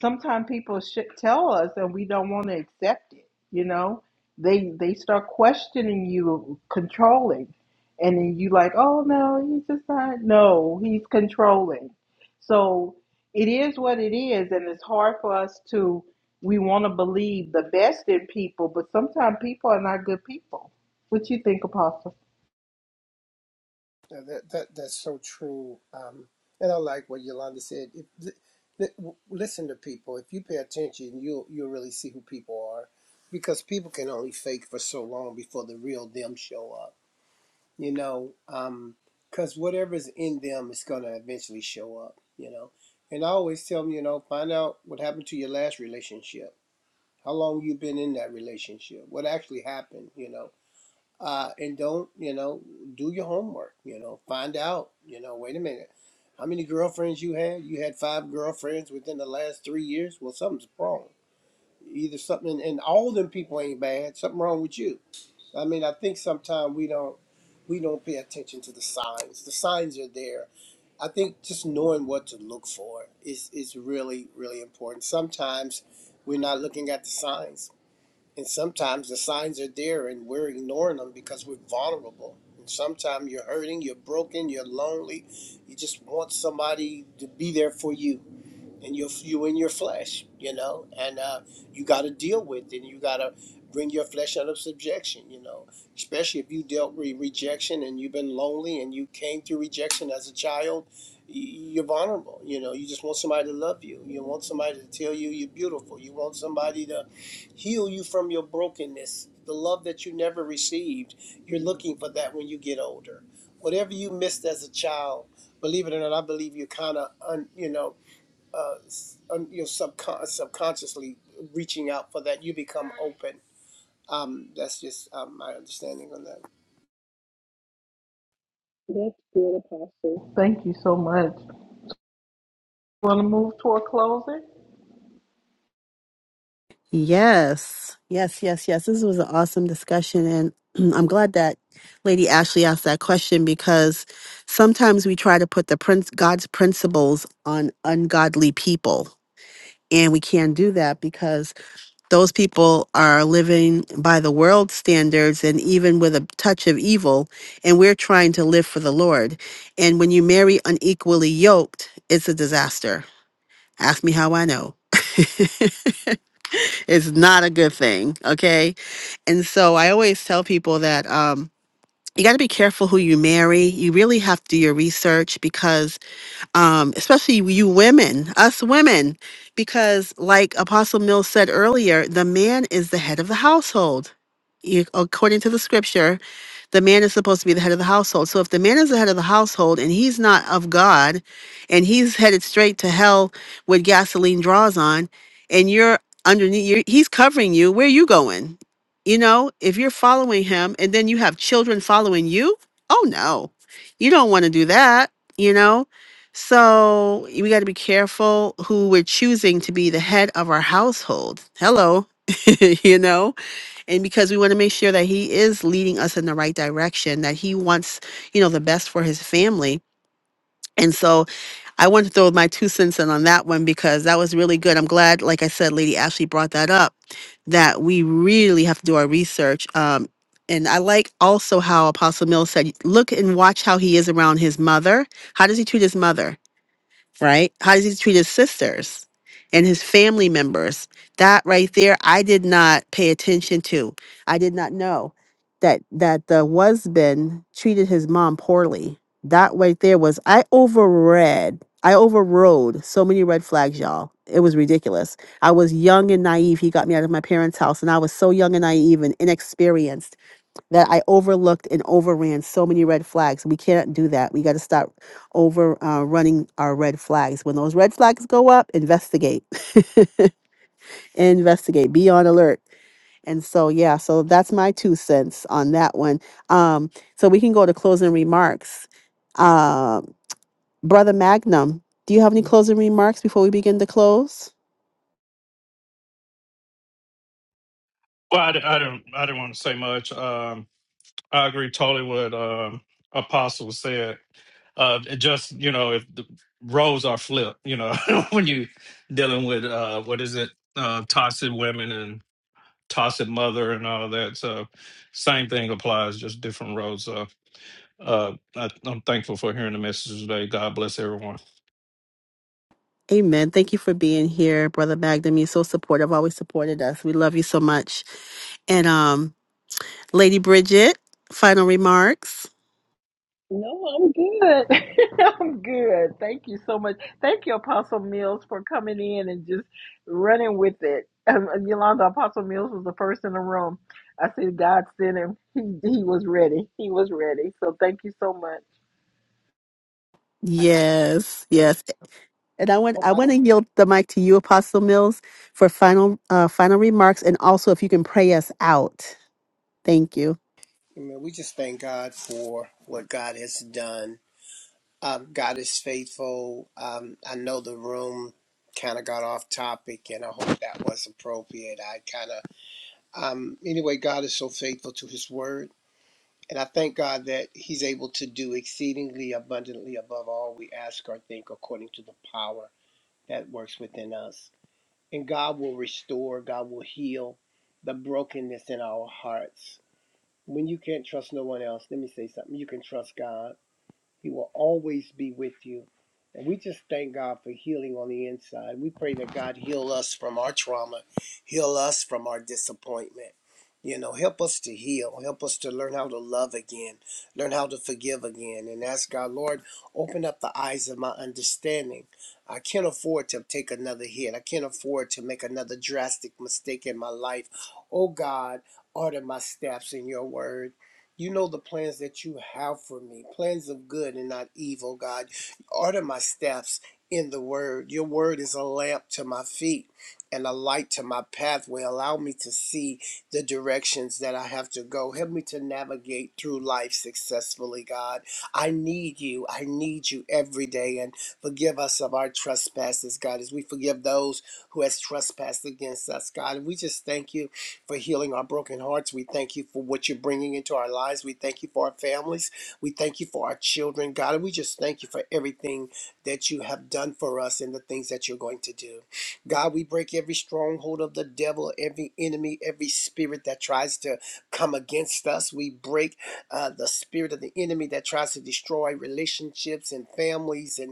A: sometimes people should tell us and we don't want to accept it, you know? They they start questioning you, controlling. And then you like, "Oh no, he's just not. No, he's controlling." So it is what it is and it's hard for us to we want to believe the best in people, but sometimes people are not good people. What you think, Apostle?
B: Yeah, that, that that's so true. Um, and I like what Yolanda said. If, th- th- w- listen to people. If you pay attention, you'll you'll really see who people are, because people can only fake for so long before the real them show up. you know, um, because whatever's in them is going to eventually show up, you know. And I always tell them, you know, find out what happened to your last relationship, how long you've been in that relationship, what actually happened, you know. Uh, and don't, you know, do your homework, you know, find out, you know, wait a minute. How many girlfriends you had? You had five girlfriends within the last three years? Well, something's wrong. Either something, and all them people ain't bad, something wrong with you I mean, I think sometimes we don't we don't pay attention to the signs. The signs are there. I think just knowing what to look for is is really really important. Sometimes we're not looking at the signs, and sometimes the signs are there and we're ignoring them because we're vulnerable. And sometimes you're hurting, you're broken, you're lonely. You just want somebody to be there for you and you're you in your flesh, you know, and uh, you got to deal with it. And you got to bring your flesh out of subjection, you know. Especially if you dealt with rejection and you've been lonely and you came through rejection as a child, you're vulnerable. You know, you just want somebody to love you. You want somebody to tell you you're beautiful. You want somebody to heal you from your brokenness, the love that you never received. You're looking for that when you get older. Whatever you missed as a child, believe it or not, I believe you kind of, un, you know uh, you know, subcon- subconsciously reaching out for that, you become open. Um, that's just um, my understanding on that
A: That's good, Apostle. Thank you so much. Want to move toward closing?
E: Yes, yes, yes, yes. This was an awesome discussion. And I'm glad that Lady Ashley asked that question because sometimes we try to put the prince, God's principles on ungodly people. And we can't do that because those people are living by the world standards and even with a touch of evil. And we're trying to live for the Lord. And when you marry unequally yoked, it's a disaster. Ask me how I know. It's not a good thing, okay? And so I always tell people that um you got to be careful who you marry. You really have to do your research because um, especially you women, us women, because like Apostle Mills said earlier, the man is the head of the household. You- According to the scripture, the man is supposed to be the head of the household. So if the man is the head of the household and he's not of God and he's headed straight to hell with gasoline draws on and you're underneath, you're, he's covering you, where are you going? You know, if you're following him and then you have children following you, oh no, you don't want to do that, you know? So we got to be careful who we're choosing to be the head of our household. Hello. you know, and because we want to make sure that he is leading us in the right direction, that he wants, you know, the best for his family. And so I want to throw my two cents in on that one because that was really good. I'm glad, like I said, Lady Ashley brought that up, that we really have to do our research. Um, and I like also how Apostle Mills said, look and watch how he is around his mother. How does he treat his mother? right? How does he treat his sisters and his family members? That right there, I did not pay attention to. I did not know that that the husband treated his mom poorly. That right there was I overread. I overrode so many red flags, y'all. It was ridiculous. I was young and naive. He got me out of my parents' house, and I was so young and naive and inexperienced that I overlooked and overran so many red flags. We can't do that. We got to stop over uh, running our red flags. When those red flags go up, investigate, investigate, be on alert. And so, yeah, so that's my two cents on that one. Um, so we can go to closing remarks. Uh, Brother Magnum, do you have any closing remarks before we begin to close?
F: Well, I, di- didn't. I didn't want to say much. Um, I agree totally with um, Apostle said. Uh, it just you know, if the roles are flipped, you know, when you dealing with uh, what is it, uh, toxic women tossing mother and all of that. So same thing applies, just different roles. So uh, I, I'm thankful for hearing the message today. God bless everyone.
E: Amen. Thank you for being here, Brother Magnum. You're so supportive, always supported us. We love you so much. And um, Lady Bridget, final remarks.
A: No, I'm good. I'm good. Thank you so much. Thank you, Apostle Mills, for coming in and just running with it. Um, um, Yolanda, Apostle Mills was the first in the room. I said, God sent him. He, he was ready. He was ready. So thank you so much.
E: Yes,
B: thing.
E: yes. And I
B: I
E: want
B: hope
E: I
B: I
E: want to
B: didn't.
E: yield the mic to you, Apostle Mills, for final uh, final remarks, and also if you can pray us out. Thank you.
B: I mean, we just thank God for what God has done. Um, God is faithful. Um, I know the room kind of got off topic, and I hope that was appropriate. I kind of, um, anyway, God is so faithful to His word. And I thank God that He's able to do exceedingly abundantly above all we ask or think according to the power that works within us. And God will restore, God will heal the brokenness in our hearts. When you can't trust no one else, let me say something. You can trust God. He will always be with you. And we just thank God for healing on the inside. We pray that God heal us from our trauma, heal us from our disappointment. You know, help us to heal, help us to learn how to love again, learn how to forgive again, and ask God, Lord, open up the eyes of my understanding. I can't afford to take another hit. I can't afford to make another drastic mistake in my life. Oh God, order my steps in your word. You know the plans that you have for me, plans of good and not evil, God. Order my steps in the word. Your word is a lamp to my feet and a light to my pathway. Allow me to see the directions that I have to go. Help me to navigate through life successfully, God. I need you. I need you every day. And forgive us of our trespasses, God, as we forgive those who has trespassed against us, God. And we just thank you for healing our broken hearts. We thank you for what you're bringing into our lives. We thank you for our families. We thank you for our children. God, we just thank you for everything that you have done for us and the things that you're going to do. God, we break every stronghold of the devil, every enemy, every spirit that tries to come against us. We break uh, the spirit of the enemy that tries to destroy relationships and families and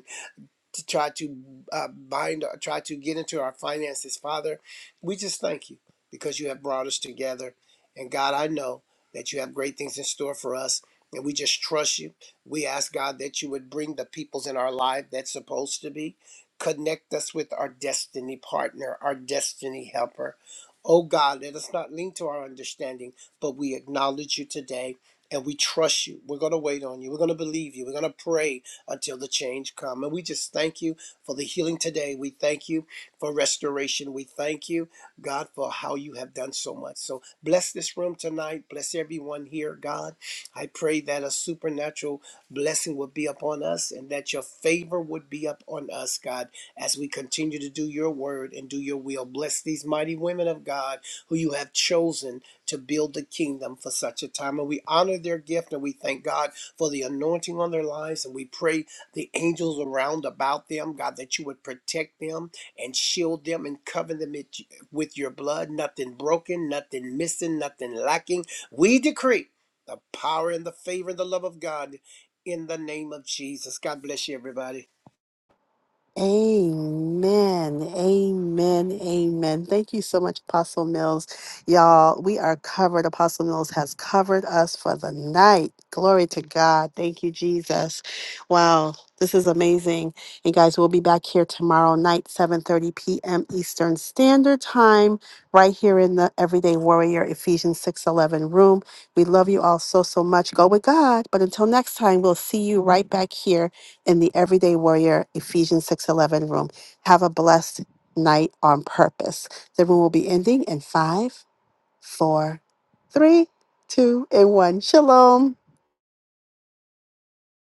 B: to try to uh, bind, or try to get into our finances. Father, we just thank you because you have brought us together. And God, I know that you have great things in store for us. And we just trust you. We ask God that you would bring the peoples in our life that's supposed to be. Connect us with our destiny partner, our destiny helper. Oh God, let us not lean to our understanding, but we acknowledge you today and we trust you. We're going to wait on you. We're going to believe you. We're going to pray until the change come. And we just thank you for the healing today. We thank you for restoration. We thank you, God, for how you have done so much. So bless this room tonight. Bless everyone here, God. I pray that a supernatural blessing would be upon us and that your favor would be upon us, God, as we continue to do your word and do your will. Bless these mighty women of God who you have chosen to build the kingdom for such a time. And we honor their gift and we thank God for the anointing on their lives. And we pray the angels around about them, God, that you would protect them and shield them and cover them it- with your blood. Nothing broken, nothing missing, nothing lacking. We decree the power and the favor and the love of God in the name of Jesus. God bless you, everybody.
E: Amen. Amen. Amen. Thank you so much, Apostle Mills. Y'all, we are covered. Apostle Mills has covered us for the night. Glory to God. Thank you, Jesus. Wow. This is amazing. And guys, we'll be back here tomorrow night, 7:30 p.m. Eastern Standard Time, right here in the Everyday Warrior Ephesians 6:11 room. We love you all so so much. Go with God. But until next time, we'll see you right back here in the Everyday Warrior Ephesians 6:11 room. Have a blessed night on purpose. The room will be ending in five, four, three, two, and one. Shalom.